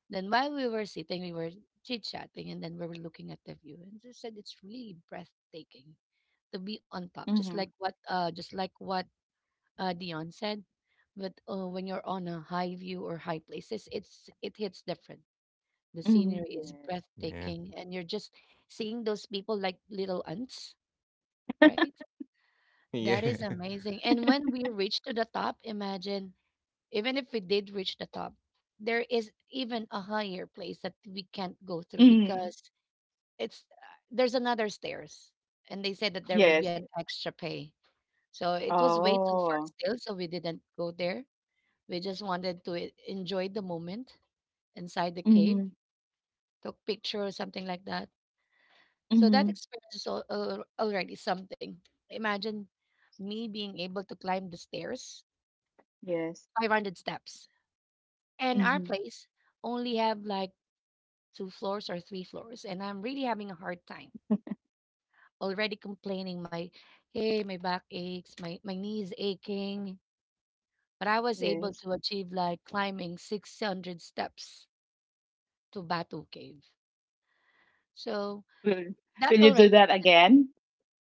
[SPEAKER 1] Then while we were sitting, we were chit chatting and then we were looking at the view. And she said it's really breathtaking to be on top,
[SPEAKER 2] Mhm.
[SPEAKER 1] just like what Dion said. But when you're on a high view or high places, it hits different. The
[SPEAKER 2] Mhm.
[SPEAKER 1] scenery is
[SPEAKER 2] Yes.
[SPEAKER 3] Yeah. Yeah.
[SPEAKER 1] breathtaking and you're just seeing those people like little ants, right? That is amazing. And when we reach to the top, imagine even if we did reach the top, there is even a higher place that we can't go through
[SPEAKER 2] Mhm.
[SPEAKER 1] because it's there's another stairs, and they said that there would be
[SPEAKER 2] Yes.
[SPEAKER 1] an extra pay. So it was way too far
[SPEAKER 2] Oh.
[SPEAKER 1] still, so we didn't go there. We just wanted to enjoy the moment inside the cave,
[SPEAKER 2] Mhm.
[SPEAKER 1] took picture or something like that. So that
[SPEAKER 2] Mhm.
[SPEAKER 1] experience is already something. Imagine me being able to climb the stairs,
[SPEAKER 2] Yes.
[SPEAKER 1] 500 steps, and our
[SPEAKER 2] Mhm.
[SPEAKER 1] place only have like two floors or three floors, and I'm really having a hard time. Already complaining, my back aches, my knees aching. But I was able
[SPEAKER 2] Yes.
[SPEAKER 1] to achieve like climbing 600 steps to Batu Cave. So
[SPEAKER 2] Will
[SPEAKER 1] that
[SPEAKER 2] Will you do
[SPEAKER 1] already is
[SPEAKER 2] that
[SPEAKER 1] an escape.
[SPEAKER 2] again?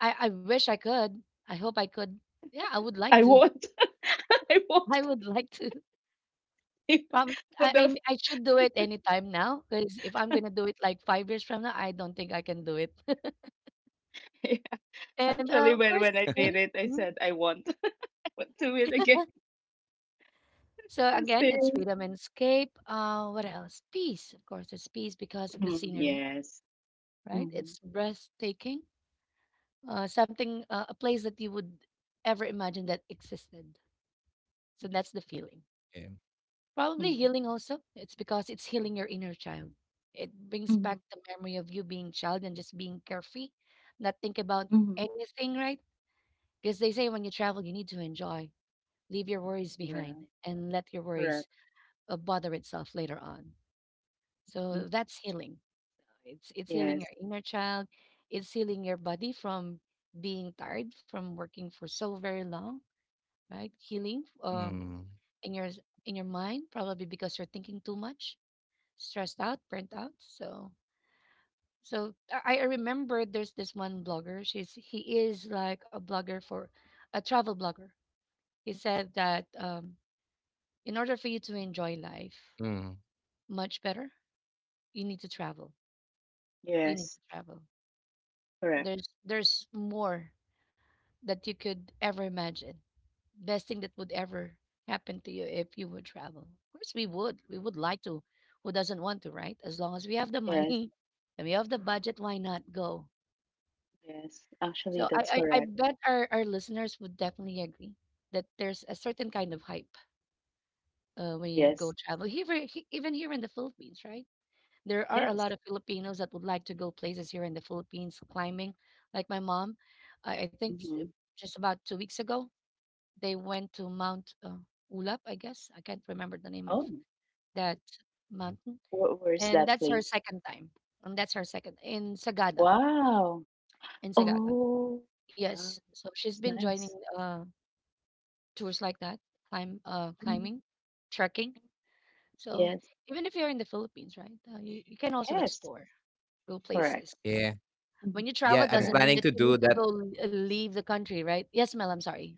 [SPEAKER 1] I wish I could. I hope I could. Yeah, I would like
[SPEAKER 2] I
[SPEAKER 1] to.
[SPEAKER 2] won't. I
[SPEAKER 1] I
[SPEAKER 2] won't.
[SPEAKER 1] would like to. Probably,
[SPEAKER 2] So
[SPEAKER 1] I,
[SPEAKER 2] the
[SPEAKER 1] I should do it anytime now because if I'm going to do it like 5 years from now, I don't think I can do it.
[SPEAKER 2] Yeah.
[SPEAKER 1] And
[SPEAKER 2] Actually,
[SPEAKER 1] of
[SPEAKER 2] when
[SPEAKER 1] course,
[SPEAKER 2] when I
[SPEAKER 1] escape.
[SPEAKER 2] did it, I
[SPEAKER 1] Mhm.
[SPEAKER 2] said I won't. I won't do it again.
[SPEAKER 1] So
[SPEAKER 2] The
[SPEAKER 1] again, it's
[SPEAKER 2] stairs.
[SPEAKER 1] freedom and escape. What else? Peace, of course. It's peace because of the
[SPEAKER 2] Mhm.
[SPEAKER 1] scenery,
[SPEAKER 2] Yes.
[SPEAKER 1] right?
[SPEAKER 2] Mhm.
[SPEAKER 1] It's breathtaking. Something, a place that you would ever imagine that existed. So that's the feeling.
[SPEAKER 3] Yeah.
[SPEAKER 1] Probably
[SPEAKER 2] Mhm.
[SPEAKER 1] healing also. It's because it's healing your inner child. It brings back
[SPEAKER 2] Mhm.
[SPEAKER 1] the memory of you being child and just being carefree, not think about
[SPEAKER 2] Mhm.
[SPEAKER 1] anything, right? Because they say when you travel, you need to enjoy, leave your worries behind,
[SPEAKER 2] Yeah.
[SPEAKER 1] and let your worries
[SPEAKER 2] Correct.
[SPEAKER 1] bother itself later on.
[SPEAKER 2] Mm.
[SPEAKER 1] So that's healing. It's healing
[SPEAKER 2] Yes.
[SPEAKER 1] your inner child. It's healing your body from being tired from working for so very long, right? Healing
[SPEAKER 3] Mm.
[SPEAKER 1] in your s- in your mind probably because you're thinking too much, stressed out, burnt out. So I remember there's this one blogger. She's he is like a blogger for a travel blogger. He said that
[SPEAKER 3] Mm.
[SPEAKER 1] in order for you to enjoy life much better, you need to travel. You need to
[SPEAKER 2] Yes.
[SPEAKER 1] travel.
[SPEAKER 2] Correct.
[SPEAKER 1] There's more that you could ever imagine. Best thing that would ever happen to you if you would travel. Of course, we would. We would like to. Who doesn't want to, right? As long as we have the
[SPEAKER 2] Yes.
[SPEAKER 1] money and we have the budget, why not go?
[SPEAKER 2] Yes. Actually,
[SPEAKER 1] So
[SPEAKER 2] that's
[SPEAKER 1] I
[SPEAKER 2] correct.
[SPEAKER 1] bet our listeners would definitely agree that there's a certain kind of hype when you go
[SPEAKER 2] Yes.
[SPEAKER 1] travel. Here, even here in the Philippines, right? There are a
[SPEAKER 2] Yes.
[SPEAKER 1] lot of Filipinos that would like to go places here in the Philippines climbing. Like my mom, I think
[SPEAKER 2] Mhm.
[SPEAKER 1] just about 2 weeks ago, they went to Mount Ulap, I guess. I can't remember the name
[SPEAKER 2] Oh,
[SPEAKER 1] of that mountain.
[SPEAKER 2] where's
[SPEAKER 1] And
[SPEAKER 2] that
[SPEAKER 1] that's her
[SPEAKER 2] place?
[SPEAKER 1] second time. And that's her second in Sagada.
[SPEAKER 2] Wow.
[SPEAKER 1] In Sagada.
[SPEAKER 2] Oh, wow.
[SPEAKER 1] Yes. So she's
[SPEAKER 2] It's
[SPEAKER 1] been joining
[SPEAKER 2] nice.
[SPEAKER 1] uh, tours like that,
[SPEAKER 2] Mhm.
[SPEAKER 1] climbing, trekking. So
[SPEAKER 2] Yes.
[SPEAKER 1] even if you're in the Philippines, right, you, you can also
[SPEAKER 2] Yes.
[SPEAKER 1] explore, go
[SPEAKER 2] Correct.
[SPEAKER 1] places.
[SPEAKER 3] Yeah.
[SPEAKER 2] Mhm.
[SPEAKER 1] When you
[SPEAKER 3] Yeah,
[SPEAKER 1] travel
[SPEAKER 3] I'm
[SPEAKER 1] doesn't
[SPEAKER 2] Correct.
[SPEAKER 1] mean
[SPEAKER 3] planning
[SPEAKER 1] that
[SPEAKER 3] to
[SPEAKER 1] you need
[SPEAKER 3] do
[SPEAKER 1] to
[SPEAKER 3] that.
[SPEAKER 1] leave the country, right? Yes, Mel, I'm sorry.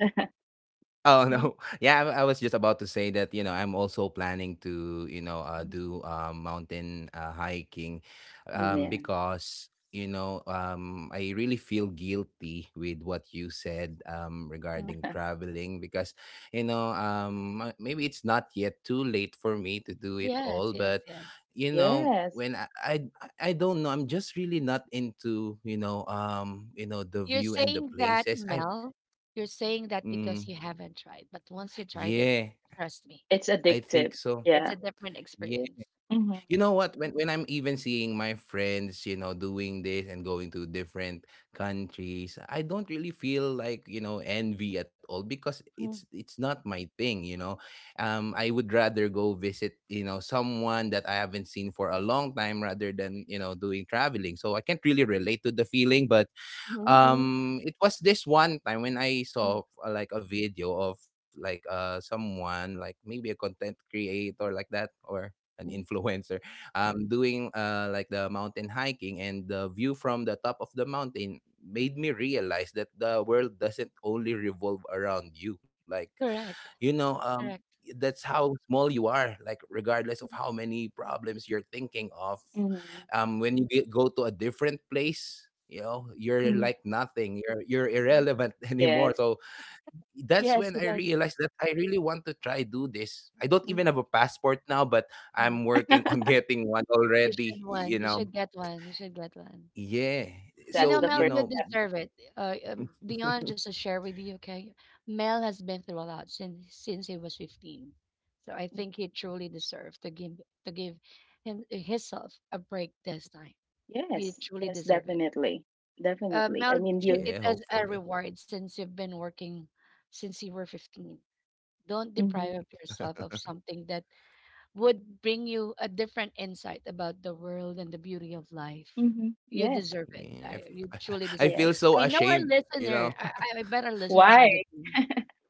[SPEAKER 3] Oh no.
[SPEAKER 1] Hmm.
[SPEAKER 3] Yeah, I was just about to say that, you know, I'm also planning to, you know,
[SPEAKER 1] Hmm.
[SPEAKER 3] do mountain hiking,
[SPEAKER 1] Hmm.
[SPEAKER 2] Amen.
[SPEAKER 3] because, you know, I really feel guilty with what you said
[SPEAKER 1] Hmm.
[SPEAKER 3] regarding traveling because, you know, maybe it's not yet too late for me to do it
[SPEAKER 1] Yes,
[SPEAKER 3] all,
[SPEAKER 1] yes,
[SPEAKER 3] but,
[SPEAKER 1] yes.
[SPEAKER 3] you know,
[SPEAKER 2] Yes.
[SPEAKER 3] when I don't know, I'm just really not into, you know, the
[SPEAKER 1] You're
[SPEAKER 3] view and the
[SPEAKER 1] saying that,
[SPEAKER 3] places. I
[SPEAKER 1] Mel, you're saying that because
[SPEAKER 3] Mm,
[SPEAKER 1] you haven't tried. But once you tried it,
[SPEAKER 3] yeah.
[SPEAKER 1] trust me,
[SPEAKER 2] It's
[SPEAKER 3] I
[SPEAKER 2] addictive.
[SPEAKER 3] think so.
[SPEAKER 1] it's
[SPEAKER 2] Yeah.
[SPEAKER 1] a different
[SPEAKER 3] Yeah.
[SPEAKER 1] experience.
[SPEAKER 2] Hmm.
[SPEAKER 3] You know what? When I'm even seeing my friends, you know, doing this and going to different countries, I don't really feel like, you know, envy at all, because it's
[SPEAKER 1] Mm,
[SPEAKER 3] it's not my thing, you know. I would rather go visit, you know, someone that I haven't seen for a long time rather than, you know, doing traveling. So I can't really relate to the feeling, but,
[SPEAKER 1] mm, mm,
[SPEAKER 3] it was this one time when I
[SPEAKER 1] mm,
[SPEAKER 3] saw, like a video of like, someone like maybe a content creator like that, or an
[SPEAKER 1] mm.
[SPEAKER 3] influencer, doing like the mountain hiking, and the view from the top of the mountain made me realize that the world doesn't only revolve around you, like,
[SPEAKER 1] Correct,
[SPEAKER 3] you know,
[SPEAKER 1] correct.
[SPEAKER 3] that's how small you are. Like, regardless of how many problems you're thinking of,
[SPEAKER 2] Hmm.
[SPEAKER 3] go to a different place, you know, you're
[SPEAKER 2] Hmm.
[SPEAKER 3] like nothing, you're,
[SPEAKER 1] Mm.
[SPEAKER 3] irrelevant anymore.
[SPEAKER 2] Yes.
[SPEAKER 3] So that's
[SPEAKER 1] Yes,
[SPEAKER 3] when I
[SPEAKER 1] yes.
[SPEAKER 3] realized that I really want to try do this. I don't
[SPEAKER 1] Mm,
[SPEAKER 3] even have a passport now, but
[SPEAKER 1] mm.
[SPEAKER 3] I'm working on getting one
[SPEAKER 1] You should
[SPEAKER 3] already,
[SPEAKER 1] one.
[SPEAKER 3] you
[SPEAKER 1] You
[SPEAKER 3] know.
[SPEAKER 1] should get one. You should get one.
[SPEAKER 3] Yeah,
[SPEAKER 1] You
[SPEAKER 2] That's
[SPEAKER 1] know,
[SPEAKER 3] so
[SPEAKER 2] the
[SPEAKER 3] you
[SPEAKER 1] Mel,
[SPEAKER 2] first.
[SPEAKER 1] you
[SPEAKER 3] know.
[SPEAKER 1] deserve it. Dion, just to share with you, okay? Mel has been through a lot since he was 15, so I think he truly deserves to give himself a break this time. He
[SPEAKER 2] Yes.
[SPEAKER 1] truly
[SPEAKER 2] Yes,
[SPEAKER 1] deserves it.
[SPEAKER 2] definitely. Definitely.
[SPEAKER 1] Mel,
[SPEAKER 2] I mean,
[SPEAKER 1] treat
[SPEAKER 2] you.
[SPEAKER 1] it
[SPEAKER 3] Yeah,
[SPEAKER 1] as a
[SPEAKER 3] hopefully.
[SPEAKER 1] reward since you've been working since you were 15. Don't deprive
[SPEAKER 2] Hmm.
[SPEAKER 1] of yourself of something that would bring you a different insight about the world and the beauty of life.
[SPEAKER 2] Hmm.
[SPEAKER 1] You
[SPEAKER 2] Yes.
[SPEAKER 1] deserve it.
[SPEAKER 3] Yeah.
[SPEAKER 1] I, you truly
[SPEAKER 3] I
[SPEAKER 1] deserve.
[SPEAKER 3] feel
[SPEAKER 2] Yes.
[SPEAKER 3] so
[SPEAKER 1] I know our
[SPEAKER 3] ashamed, you
[SPEAKER 1] listener.
[SPEAKER 3] know.
[SPEAKER 1] I bet our listeners
[SPEAKER 2] Why?
[SPEAKER 1] would agree.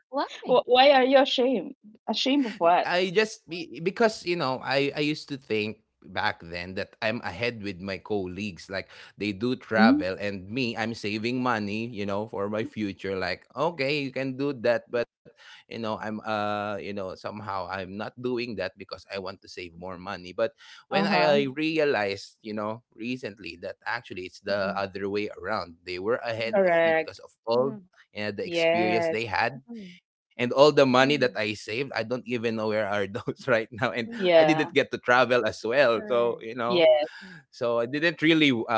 [SPEAKER 1] Why?
[SPEAKER 2] Wh- Why are you ashamed? Ashamed of what?
[SPEAKER 3] I just because, you know, I used to think back then that I'm ahead with my colleagues, like they do
[SPEAKER 2] Mm,
[SPEAKER 3] travel, and me, I'm saving money, you know, for my
[SPEAKER 2] mm,
[SPEAKER 3] future, like okay, you can do that, but, you know, I'm you know, somehow I'm not doing that because I want to save more money. But when
[SPEAKER 2] uh-huh.
[SPEAKER 3] I realized, you know, recently, that actually it's the
[SPEAKER 2] Mhm.
[SPEAKER 3] other way around, they were ahead
[SPEAKER 1] Mhm,
[SPEAKER 3] of me
[SPEAKER 2] Correct.
[SPEAKER 3] because of all,
[SPEAKER 1] mhm,
[SPEAKER 3] you know, the experience they
[SPEAKER 2] Yes.
[SPEAKER 3] had,
[SPEAKER 1] mhm,
[SPEAKER 3] and all the money that
[SPEAKER 1] mhm,
[SPEAKER 3] I saved, I don't even know where are those right now. And
[SPEAKER 1] mhm,
[SPEAKER 3] I
[SPEAKER 2] Yeah.
[SPEAKER 3] didn't get to travel as well. So,
[SPEAKER 1] correct.
[SPEAKER 3] you know,
[SPEAKER 2] Yes.
[SPEAKER 3] I didn't really, uh,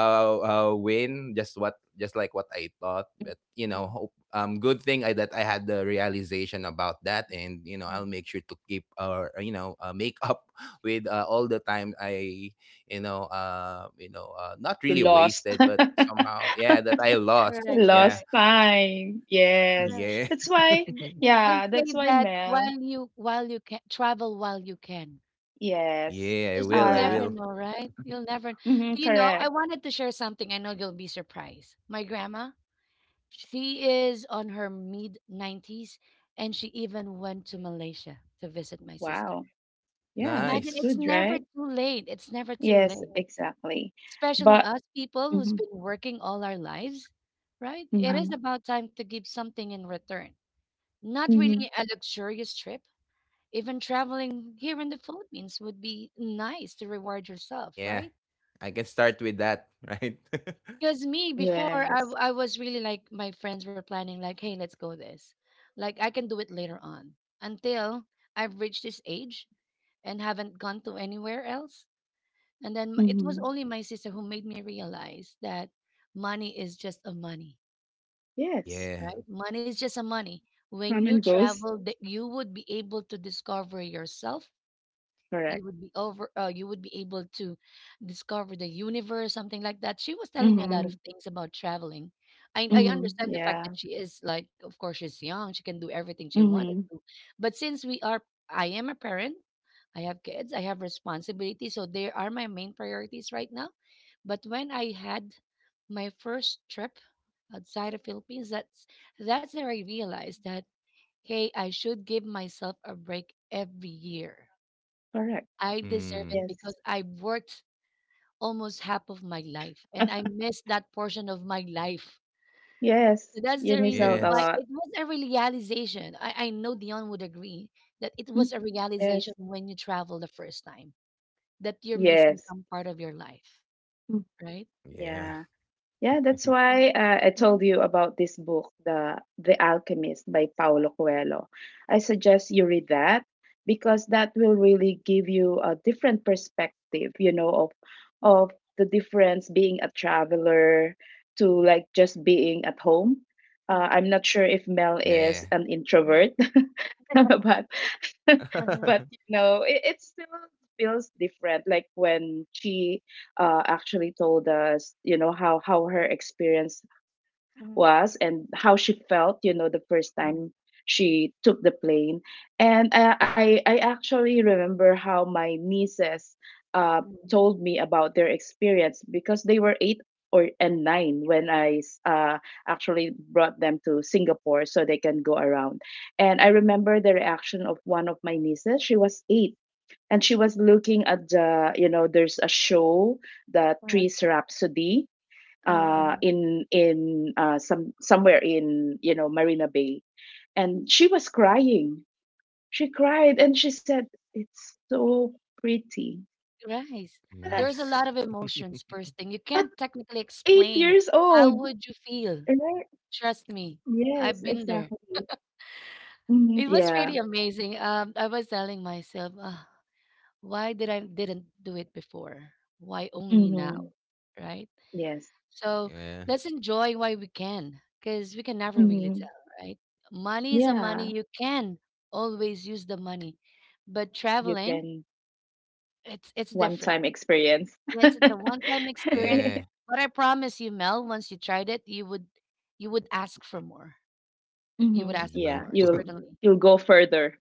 [SPEAKER 3] uh win, just what, just like what I thought.
[SPEAKER 2] Mm.
[SPEAKER 3] But you know,
[SPEAKER 1] Mhm,
[SPEAKER 3] hope good thing that I had the realization about that, and you know,
[SPEAKER 1] mhm,
[SPEAKER 3] I'll make sure to keep, or, you know, make up with, all the time I, you know, you know, not
[SPEAKER 2] You
[SPEAKER 3] really
[SPEAKER 2] lost.
[SPEAKER 3] wasted, but somehow yeah, that I
[SPEAKER 1] mhm,
[SPEAKER 3] lost.
[SPEAKER 1] correct.
[SPEAKER 2] You
[SPEAKER 3] Yeah,
[SPEAKER 2] lost
[SPEAKER 1] Correct.
[SPEAKER 2] time. Yes.
[SPEAKER 1] Correct.
[SPEAKER 3] yeah,
[SPEAKER 2] That's why,
[SPEAKER 1] And Th- They
[SPEAKER 2] yeah,
[SPEAKER 1] say
[SPEAKER 2] that's why
[SPEAKER 1] that
[SPEAKER 2] Mel.
[SPEAKER 1] while you can travel while you can,
[SPEAKER 2] Yes.
[SPEAKER 3] yeah. I
[SPEAKER 1] because you'll
[SPEAKER 3] will. I
[SPEAKER 2] Uh,
[SPEAKER 1] never
[SPEAKER 3] will.
[SPEAKER 1] know, right? You'll never.
[SPEAKER 2] mhm,
[SPEAKER 1] Do you know? I
[SPEAKER 2] correct.
[SPEAKER 1] wanted to share something. I know you'll be surprised. My grandma. She is on her mid 90s and she even went to Malaysia to visit my sister.
[SPEAKER 2] Wow. Yeah, that's
[SPEAKER 1] Imagine it's
[SPEAKER 3] Nice.
[SPEAKER 2] good,
[SPEAKER 1] never
[SPEAKER 2] right?
[SPEAKER 1] too late. It's never too
[SPEAKER 2] Yes,
[SPEAKER 1] late.
[SPEAKER 2] exactly.
[SPEAKER 1] Especially
[SPEAKER 2] But
[SPEAKER 1] us people who's
[SPEAKER 2] mm-hmm,
[SPEAKER 1] been working all our lives, right? It is
[SPEAKER 2] mm-hmm,
[SPEAKER 1] about time to give something in return. Not
[SPEAKER 2] mm-hmm.
[SPEAKER 1] really a luxurious trip. Even traveling here in the Philippines would be nice to reward yourself,
[SPEAKER 3] Yeah.
[SPEAKER 1] right?
[SPEAKER 3] I can start with that, right?
[SPEAKER 1] Because me before
[SPEAKER 2] Yes.
[SPEAKER 1] I was really like my friends were planning like hey let's go this, like I can do it later on until I've reached this age, and haven't gone to anywhere else. And then it was
[SPEAKER 2] Mm-hmm.
[SPEAKER 1] only my sister who made me realize that money is just a money,
[SPEAKER 2] Yes.
[SPEAKER 3] Yeah.
[SPEAKER 1] right? Money is just a money. When
[SPEAKER 2] Come
[SPEAKER 1] you
[SPEAKER 2] and goes.
[SPEAKER 1] travel, that you would be able to discover yourself. You
[SPEAKER 2] Correct.
[SPEAKER 1] would be over you would be able to discover the universe, something like that. She was telling me a lot
[SPEAKER 2] Mm-hmm.
[SPEAKER 1] of things about traveling. I
[SPEAKER 2] Mm-hmm.
[SPEAKER 1] understand the fact
[SPEAKER 2] Yeah.
[SPEAKER 1] that she is like, of course, she's young, she can do everything she wanted
[SPEAKER 2] Mhm.
[SPEAKER 1] to, but since we are, I am a parent, I have kids, I have responsibilities, so they are my main priorities right now. But when I had my first trip outside of Philippines, that's where I realized that, hey, I should give myself a break every year.
[SPEAKER 2] Correct.
[SPEAKER 1] I deserve it
[SPEAKER 3] Hmm.
[SPEAKER 2] Yes.
[SPEAKER 1] because I worked almost half of my life and I missed that portion of my life.
[SPEAKER 2] Yes.
[SPEAKER 1] So that's
[SPEAKER 2] You
[SPEAKER 1] the
[SPEAKER 2] miss
[SPEAKER 1] reason
[SPEAKER 2] out a
[SPEAKER 1] why
[SPEAKER 3] Yes.
[SPEAKER 1] it
[SPEAKER 2] lot.
[SPEAKER 1] was a realization. I know Dion would agree that it was a
[SPEAKER 2] Mhm. Yes.
[SPEAKER 1] realization when you travel the first time that you're missing
[SPEAKER 2] Yes.
[SPEAKER 1] some part of your life,
[SPEAKER 2] Mm.
[SPEAKER 1] right?
[SPEAKER 3] Yeah.
[SPEAKER 2] Yeah. Yeah, that's why, I told
[SPEAKER 1] Mhm.
[SPEAKER 2] you about this book, The Alchemist by Paulo Coelho. I suggest you read that, because that will really give you a different perspective, of of the difference being a traveler to, like, just being at home.
[SPEAKER 1] Mhm. Mhm.
[SPEAKER 2] I'm not sure if Mel
[SPEAKER 3] Yeah,
[SPEAKER 2] is
[SPEAKER 3] yeah.
[SPEAKER 2] an
[SPEAKER 1] Mhm.
[SPEAKER 2] introvert, but
[SPEAKER 1] Mhm.
[SPEAKER 2] but it still feels different, like when she actually told us, how her experience
[SPEAKER 1] Mhm.
[SPEAKER 2] was and how she felt, the first
[SPEAKER 1] Mhm.
[SPEAKER 2] time she took the plane. And I actually remember how my nieces uh, told me about their experience, because they were eight or and nine when I actually brought them to Singapore so they can go around. And I remember the reaction of one of my nieces. She was eight and she was looking at the, there's a show, the trees rhapsody,
[SPEAKER 1] Uh-huh.
[SPEAKER 2] in somewhere in Marina Bay, and she was crying. She cried and she said, "It's so pretty."
[SPEAKER 1] Right. There's
[SPEAKER 2] And
[SPEAKER 1] a
[SPEAKER 2] I-
[SPEAKER 1] lot
[SPEAKER 3] Nice.
[SPEAKER 1] of emotions first thing. You can't
[SPEAKER 2] at
[SPEAKER 1] technically
[SPEAKER 2] eight
[SPEAKER 1] explain
[SPEAKER 2] years
[SPEAKER 1] how
[SPEAKER 2] old,
[SPEAKER 1] would you feel.
[SPEAKER 2] right?
[SPEAKER 1] Trust me. I've
[SPEAKER 2] Yes,
[SPEAKER 1] been there.
[SPEAKER 2] exactly. Hmm.
[SPEAKER 1] It was really
[SPEAKER 2] Yeah.
[SPEAKER 1] amazing. I was telling myself, why did I didn't do it before? Why only now?
[SPEAKER 2] Hmm.
[SPEAKER 1] Right?
[SPEAKER 2] Yes.
[SPEAKER 1] So
[SPEAKER 3] Yeah.
[SPEAKER 1] let's enjoy why we can because we can never really
[SPEAKER 2] Hmm.
[SPEAKER 1] tell, right? Money is a money.
[SPEAKER 2] Yeah.
[SPEAKER 1] You
[SPEAKER 3] Yeah.
[SPEAKER 1] can always use the money. But
[SPEAKER 2] You
[SPEAKER 1] traveling,
[SPEAKER 2] can
[SPEAKER 1] it's different.
[SPEAKER 2] one-time experience.
[SPEAKER 1] Yes, it's a one-time experience,
[SPEAKER 3] Yeah.
[SPEAKER 1] but I promise you, Mel, once you tried it, you would ask for more. You would
[SPEAKER 2] Hmm.
[SPEAKER 1] ask for
[SPEAKER 3] Yeah.
[SPEAKER 2] Yeah.
[SPEAKER 1] more,
[SPEAKER 2] You'll
[SPEAKER 1] certainly.
[SPEAKER 2] you'll go further.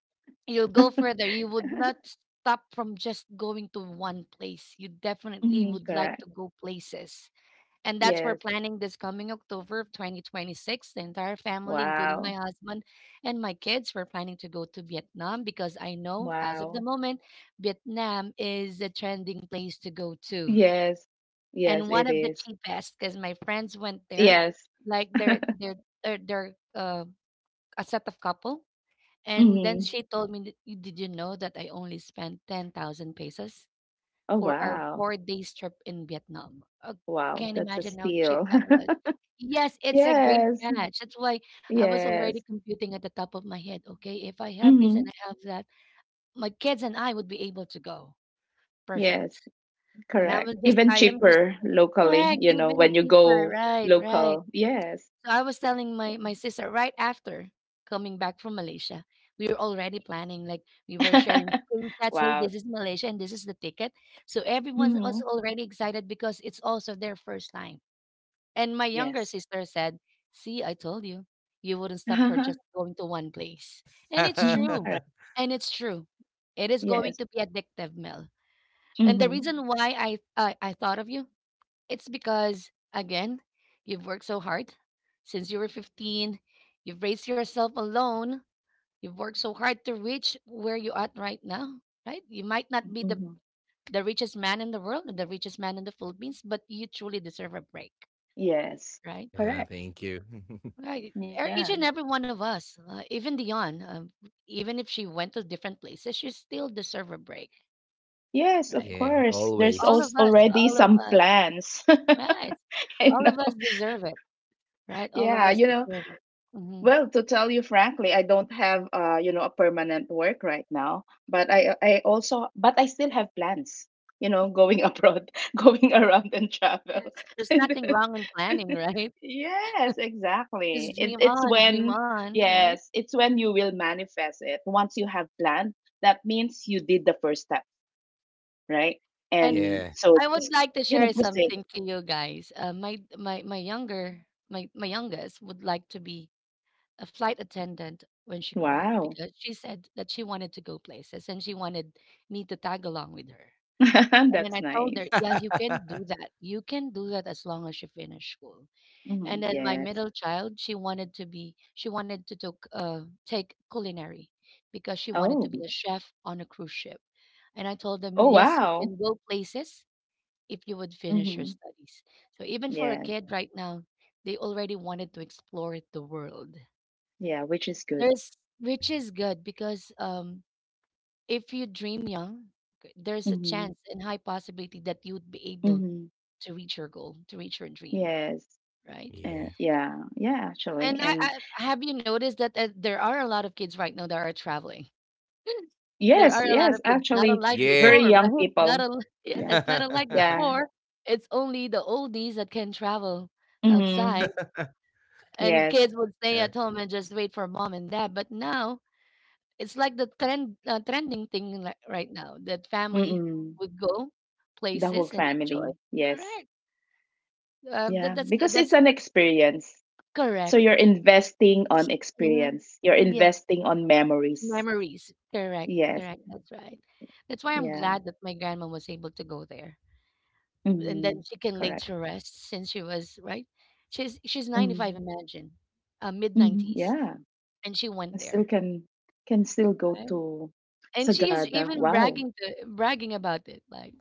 [SPEAKER 1] You'll go further. You would not stop from just going to one place. You definitely
[SPEAKER 2] Mhm,
[SPEAKER 1] would like
[SPEAKER 2] correct.
[SPEAKER 1] to go places. And that's where
[SPEAKER 2] Yes.
[SPEAKER 1] planning this coming October of 2026. The entire family, including my
[SPEAKER 2] Wow.
[SPEAKER 1] husband and my kids, we're planning to go to Vietnam because I know as of the
[SPEAKER 2] Wow.
[SPEAKER 1] moment, Vietnam is a trending place to go to,
[SPEAKER 2] Yes. Yes,
[SPEAKER 1] and one
[SPEAKER 2] it
[SPEAKER 1] of the
[SPEAKER 2] is.
[SPEAKER 1] cheapest because my friends went there.
[SPEAKER 2] Yes.
[SPEAKER 1] Like they're they're a set of couple, and then
[SPEAKER 2] Hmm.
[SPEAKER 1] she told me that, "You- did you know that I only spent 10,000 pesos
[SPEAKER 2] Oh,
[SPEAKER 1] for our
[SPEAKER 2] wow.
[SPEAKER 1] 4 days trip in Vietnam?
[SPEAKER 3] Nice.
[SPEAKER 2] Wow.
[SPEAKER 1] Can't
[SPEAKER 2] That's a
[SPEAKER 1] imagine how cheap
[SPEAKER 2] steal.
[SPEAKER 1] that was." Yes, it's a great
[SPEAKER 2] Yes.
[SPEAKER 1] catch. That's why I was already
[SPEAKER 2] Yes.
[SPEAKER 1] computing at the top of my head, okay, if I have this
[SPEAKER 2] Hmm.
[SPEAKER 1] and I have that, my kids and I would be able to go.
[SPEAKER 2] Yes.
[SPEAKER 1] Perfect. And I
[SPEAKER 2] Correct.
[SPEAKER 1] was just,
[SPEAKER 2] Even
[SPEAKER 1] I am just
[SPEAKER 2] cheaper locally,
[SPEAKER 1] correct,
[SPEAKER 2] you know,
[SPEAKER 1] even
[SPEAKER 2] when you
[SPEAKER 1] cheaper,
[SPEAKER 2] go
[SPEAKER 1] right, right.
[SPEAKER 2] local. Yes.
[SPEAKER 1] So I was telling my sister right after coming back from Malaysia, we were already planning. Like we were sharing screenshots. Hey,
[SPEAKER 2] Wow.
[SPEAKER 1] this is Malaysia, and this is the ticket. So everyone was
[SPEAKER 2] Hmm.
[SPEAKER 1] already excited because it's also their first time. And my younger
[SPEAKER 2] Yes.
[SPEAKER 1] sister said, "See, I told you, you wouldn't stop for
[SPEAKER 2] Hmm.
[SPEAKER 1] just going to one place." And it's true,
[SPEAKER 2] Correct.
[SPEAKER 1] and it's true. It is going
[SPEAKER 2] Yes.
[SPEAKER 1] to be addictive, Mel. And the
[SPEAKER 2] Hmm.
[SPEAKER 1] reason why I thought of you, it's because, again, you've worked so hard since you were 15. You've raised yourself alone. You've worked so hard to reach where you're at right now, right? You might not be the,
[SPEAKER 2] Hmm.
[SPEAKER 1] the richest man in the world or the richest man in the Philippines, but you truly deserve a break,
[SPEAKER 2] Yes.
[SPEAKER 1] right?
[SPEAKER 3] Yeah,
[SPEAKER 2] Correct.
[SPEAKER 3] thank you.
[SPEAKER 1] Right.
[SPEAKER 2] Yeah.
[SPEAKER 1] Each and every one of us, even Dion, even if she went to different places, she still deserve a break,
[SPEAKER 2] Yes, of
[SPEAKER 1] right?
[SPEAKER 3] Yeah,
[SPEAKER 2] course. There's also
[SPEAKER 3] always. Yeah.
[SPEAKER 2] already
[SPEAKER 1] All of
[SPEAKER 2] some
[SPEAKER 1] us,
[SPEAKER 2] plans,
[SPEAKER 1] right?
[SPEAKER 2] you
[SPEAKER 1] All
[SPEAKER 2] know.
[SPEAKER 1] of us deserve it, right? All of
[SPEAKER 2] Yeah,
[SPEAKER 1] us deserve it. Hmm.
[SPEAKER 2] well, to tell you frankly, I don't have, a permanent work right now, but I also, but I still have plans, going abroad, going around and travel.
[SPEAKER 1] Yes, there's
[SPEAKER 2] And
[SPEAKER 1] nothing wrong in planning, right?
[SPEAKER 2] yes, exactly.
[SPEAKER 1] Just
[SPEAKER 2] It,
[SPEAKER 1] dream
[SPEAKER 2] it's
[SPEAKER 1] on, dream
[SPEAKER 2] when,
[SPEAKER 1] on, right?
[SPEAKER 2] yes, it's when you will manifest it. Once you have planned, that means you did the first step, right?
[SPEAKER 1] And
[SPEAKER 2] And
[SPEAKER 3] Yeah.
[SPEAKER 2] so
[SPEAKER 1] I would
[SPEAKER 2] just,
[SPEAKER 1] like to share
[SPEAKER 2] proceed.
[SPEAKER 1] something to you guys. My my my younger my my youngest would like to be a flight attendant when she grew up
[SPEAKER 2] Wow.
[SPEAKER 1] because she said that she wanted to go places and she wanted me to tag along with her. And then
[SPEAKER 2] That's
[SPEAKER 1] I told
[SPEAKER 2] nice.
[SPEAKER 1] her, yes, you can do that. You can do that as long as you finish school. And
[SPEAKER 2] Mhm,
[SPEAKER 1] then my
[SPEAKER 2] yes.
[SPEAKER 1] middle child, she wanted to take culinary because she wanted to
[SPEAKER 2] Oh.
[SPEAKER 1] be a chef on a cruise ship. And I told them,
[SPEAKER 2] Oh,
[SPEAKER 1] yes, you
[SPEAKER 2] wow.
[SPEAKER 1] can go places if you would finish your
[SPEAKER 2] Mhm.
[SPEAKER 1] studies. So even for a
[SPEAKER 2] Yes.
[SPEAKER 1] kid right now, they already wanted to explore the world.
[SPEAKER 2] Yeah, which is good.
[SPEAKER 1] There's
[SPEAKER 3] Yeah.
[SPEAKER 1] Which is good because if you dream young, there's a
[SPEAKER 2] Mhm.
[SPEAKER 1] chance and high possibility that you would be able
[SPEAKER 2] Mhm.
[SPEAKER 1] to reach your goal, to reach your dream,
[SPEAKER 2] Yes.
[SPEAKER 1] right?
[SPEAKER 3] Yeah.
[SPEAKER 2] Yeah. Yeah, actually.
[SPEAKER 1] And I,
[SPEAKER 2] And
[SPEAKER 1] I have you noticed that there are a lot of kids right now that are traveling. there
[SPEAKER 2] yes,
[SPEAKER 1] are a lot
[SPEAKER 2] yes,
[SPEAKER 1] of kids, not
[SPEAKER 2] actually
[SPEAKER 1] unlike
[SPEAKER 3] Yeah.
[SPEAKER 2] very
[SPEAKER 1] before,
[SPEAKER 2] young
[SPEAKER 1] right? Not
[SPEAKER 2] people.
[SPEAKER 1] un- yeah,
[SPEAKER 2] Yeah.
[SPEAKER 1] it's not unlike
[SPEAKER 2] Yeah.
[SPEAKER 1] before. It's only the oldies that can travel
[SPEAKER 2] Mhm.
[SPEAKER 1] outside, and
[SPEAKER 2] Yes.
[SPEAKER 1] kids would stay
[SPEAKER 3] Yeah.
[SPEAKER 1] at home and just wait for mom and dad. But now it's like the trend, trending thing like right now that family
[SPEAKER 2] Mhm.
[SPEAKER 1] would go
[SPEAKER 2] The whole
[SPEAKER 1] places and
[SPEAKER 2] family.
[SPEAKER 1] enjoy.
[SPEAKER 2] Yes.
[SPEAKER 1] Correct.
[SPEAKER 2] Yeah, because it's
[SPEAKER 1] That's
[SPEAKER 2] an experience. So you're
[SPEAKER 1] correct.
[SPEAKER 2] investing on
[SPEAKER 1] Mhm.
[SPEAKER 2] experience. You're
[SPEAKER 1] Yes.
[SPEAKER 2] investing on memories.
[SPEAKER 1] Memories. Correct,
[SPEAKER 2] Yes.
[SPEAKER 1] correct. That's right. That's why I'm
[SPEAKER 2] Yeah.
[SPEAKER 1] glad that my grandma was able to go there. And then
[SPEAKER 2] Mhm.
[SPEAKER 1] she can lay
[SPEAKER 2] Correct.
[SPEAKER 1] to rest since she was, right? She's 95,
[SPEAKER 2] Mhm.
[SPEAKER 1] imagine. Mid
[SPEAKER 2] Mhm.
[SPEAKER 1] 90s,
[SPEAKER 2] Yeah.
[SPEAKER 1] and she
[SPEAKER 2] I
[SPEAKER 1] went
[SPEAKER 2] still
[SPEAKER 1] there.
[SPEAKER 2] can still go
[SPEAKER 1] Right?
[SPEAKER 2] to
[SPEAKER 1] And she is
[SPEAKER 2] Sagada.
[SPEAKER 1] even
[SPEAKER 2] Wow.
[SPEAKER 1] bragging about it like,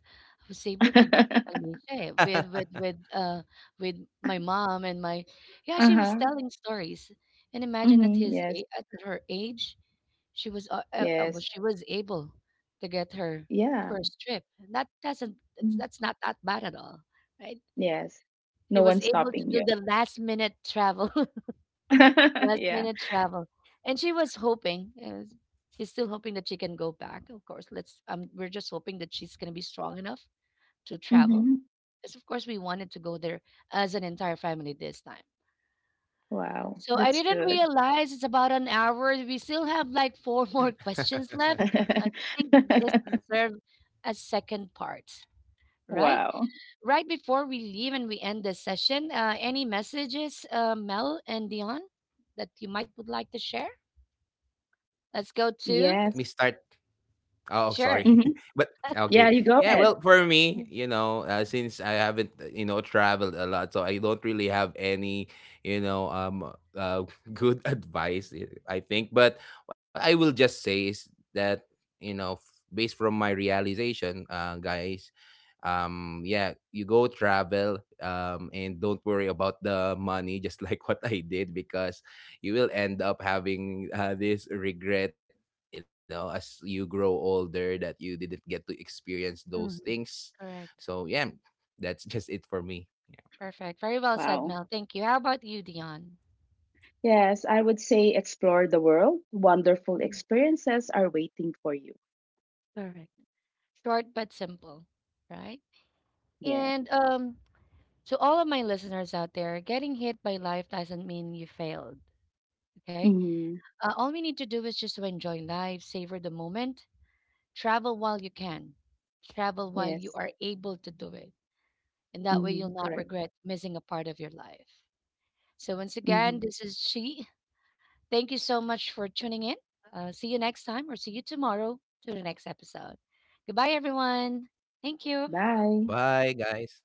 [SPEAKER 1] I was able to go to Malaysia with with my mom and my, yeah, she was
[SPEAKER 2] Uh-huh.
[SPEAKER 1] telling stories. And imagine at
[SPEAKER 2] Mm-hmm. Yes.
[SPEAKER 1] at her age, she was
[SPEAKER 2] Yes.
[SPEAKER 1] she was able to get her
[SPEAKER 2] Yeah.
[SPEAKER 1] first trip.
[SPEAKER 2] Mm.
[SPEAKER 1] That's not that bad at all, right?
[SPEAKER 2] Yes.
[SPEAKER 1] She
[SPEAKER 2] No
[SPEAKER 1] was
[SPEAKER 2] one's
[SPEAKER 1] able to
[SPEAKER 2] stopping
[SPEAKER 1] do
[SPEAKER 2] you.
[SPEAKER 1] the last minute travel, last
[SPEAKER 2] Yeah.
[SPEAKER 1] minute travel, and she was hoping. She's still hoping that she can go back. Of course, let's. We're just hoping that she's gonna be strong enough to travel.
[SPEAKER 2] Mm-hmm.
[SPEAKER 1] Because of course we
[SPEAKER 3] Yeah.
[SPEAKER 1] wanted to go there as an entire family this time.
[SPEAKER 2] Wow.
[SPEAKER 1] So I
[SPEAKER 2] That's
[SPEAKER 1] didn't
[SPEAKER 2] good.
[SPEAKER 1] realize it's about an hour. We still have like four more questions left, but I think this deserves a second part. Right?
[SPEAKER 2] Wow.
[SPEAKER 1] Right before we leave and we end this session, any messages, Mel and Dion, that you might would like to share? Let's go
[SPEAKER 3] Yeah,
[SPEAKER 2] Yes.
[SPEAKER 1] to
[SPEAKER 3] let me start. Oh, sorry.
[SPEAKER 1] sure.
[SPEAKER 2] Mm-hmm.
[SPEAKER 3] But
[SPEAKER 2] Yeah,
[SPEAKER 3] okay.
[SPEAKER 2] you go
[SPEAKER 3] Yeah,
[SPEAKER 2] ahead.
[SPEAKER 3] well, for me, you know, since I haven't, you know, traveled a lot, so I don't really have any, you know, good advice, I think. But what I will just say is that, you know, based from my realization, guys, yeah, you go travel, and don't worry about the money, just like what I did, because you will end up having, this regret, you know, as you grow older, that you didn't get to experience those things.
[SPEAKER 1] Mhm.
[SPEAKER 3] So
[SPEAKER 1] Correct.
[SPEAKER 3] yeah, that's just it for me.
[SPEAKER 1] Perfect. Very well said,
[SPEAKER 2] Wow.
[SPEAKER 1] Mel. Thank you. How about you, Dion?
[SPEAKER 2] Yes, I would say explore the world. Wonderful
[SPEAKER 1] Mm.
[SPEAKER 2] experiences are waiting for you.
[SPEAKER 1] Correct. Short but simple, right?
[SPEAKER 2] Yeah.
[SPEAKER 1] And to all of my listeners out there, getting hit by life doesn't mean you failed. Okay.
[SPEAKER 2] Mm-hmm.
[SPEAKER 1] All we need to do is
[SPEAKER 3] Yeah.
[SPEAKER 1] just to
[SPEAKER 3] Mm.
[SPEAKER 1] enjoy life, savor the moment, travel while you can, travel while you
[SPEAKER 2] Yes.
[SPEAKER 1] are able to do it. And that way you'll
[SPEAKER 2] Mm-hmm.
[SPEAKER 1] not
[SPEAKER 2] Correct.
[SPEAKER 1] regret missing a part of your life. So, once again,
[SPEAKER 2] Mm-hmm.
[SPEAKER 1] this is She. Thank you so much for tuning in. See you next time, or see you tomorrow to the next episode. Goodbye, everyone. Thank you.
[SPEAKER 2] Bye
[SPEAKER 3] Bye guys.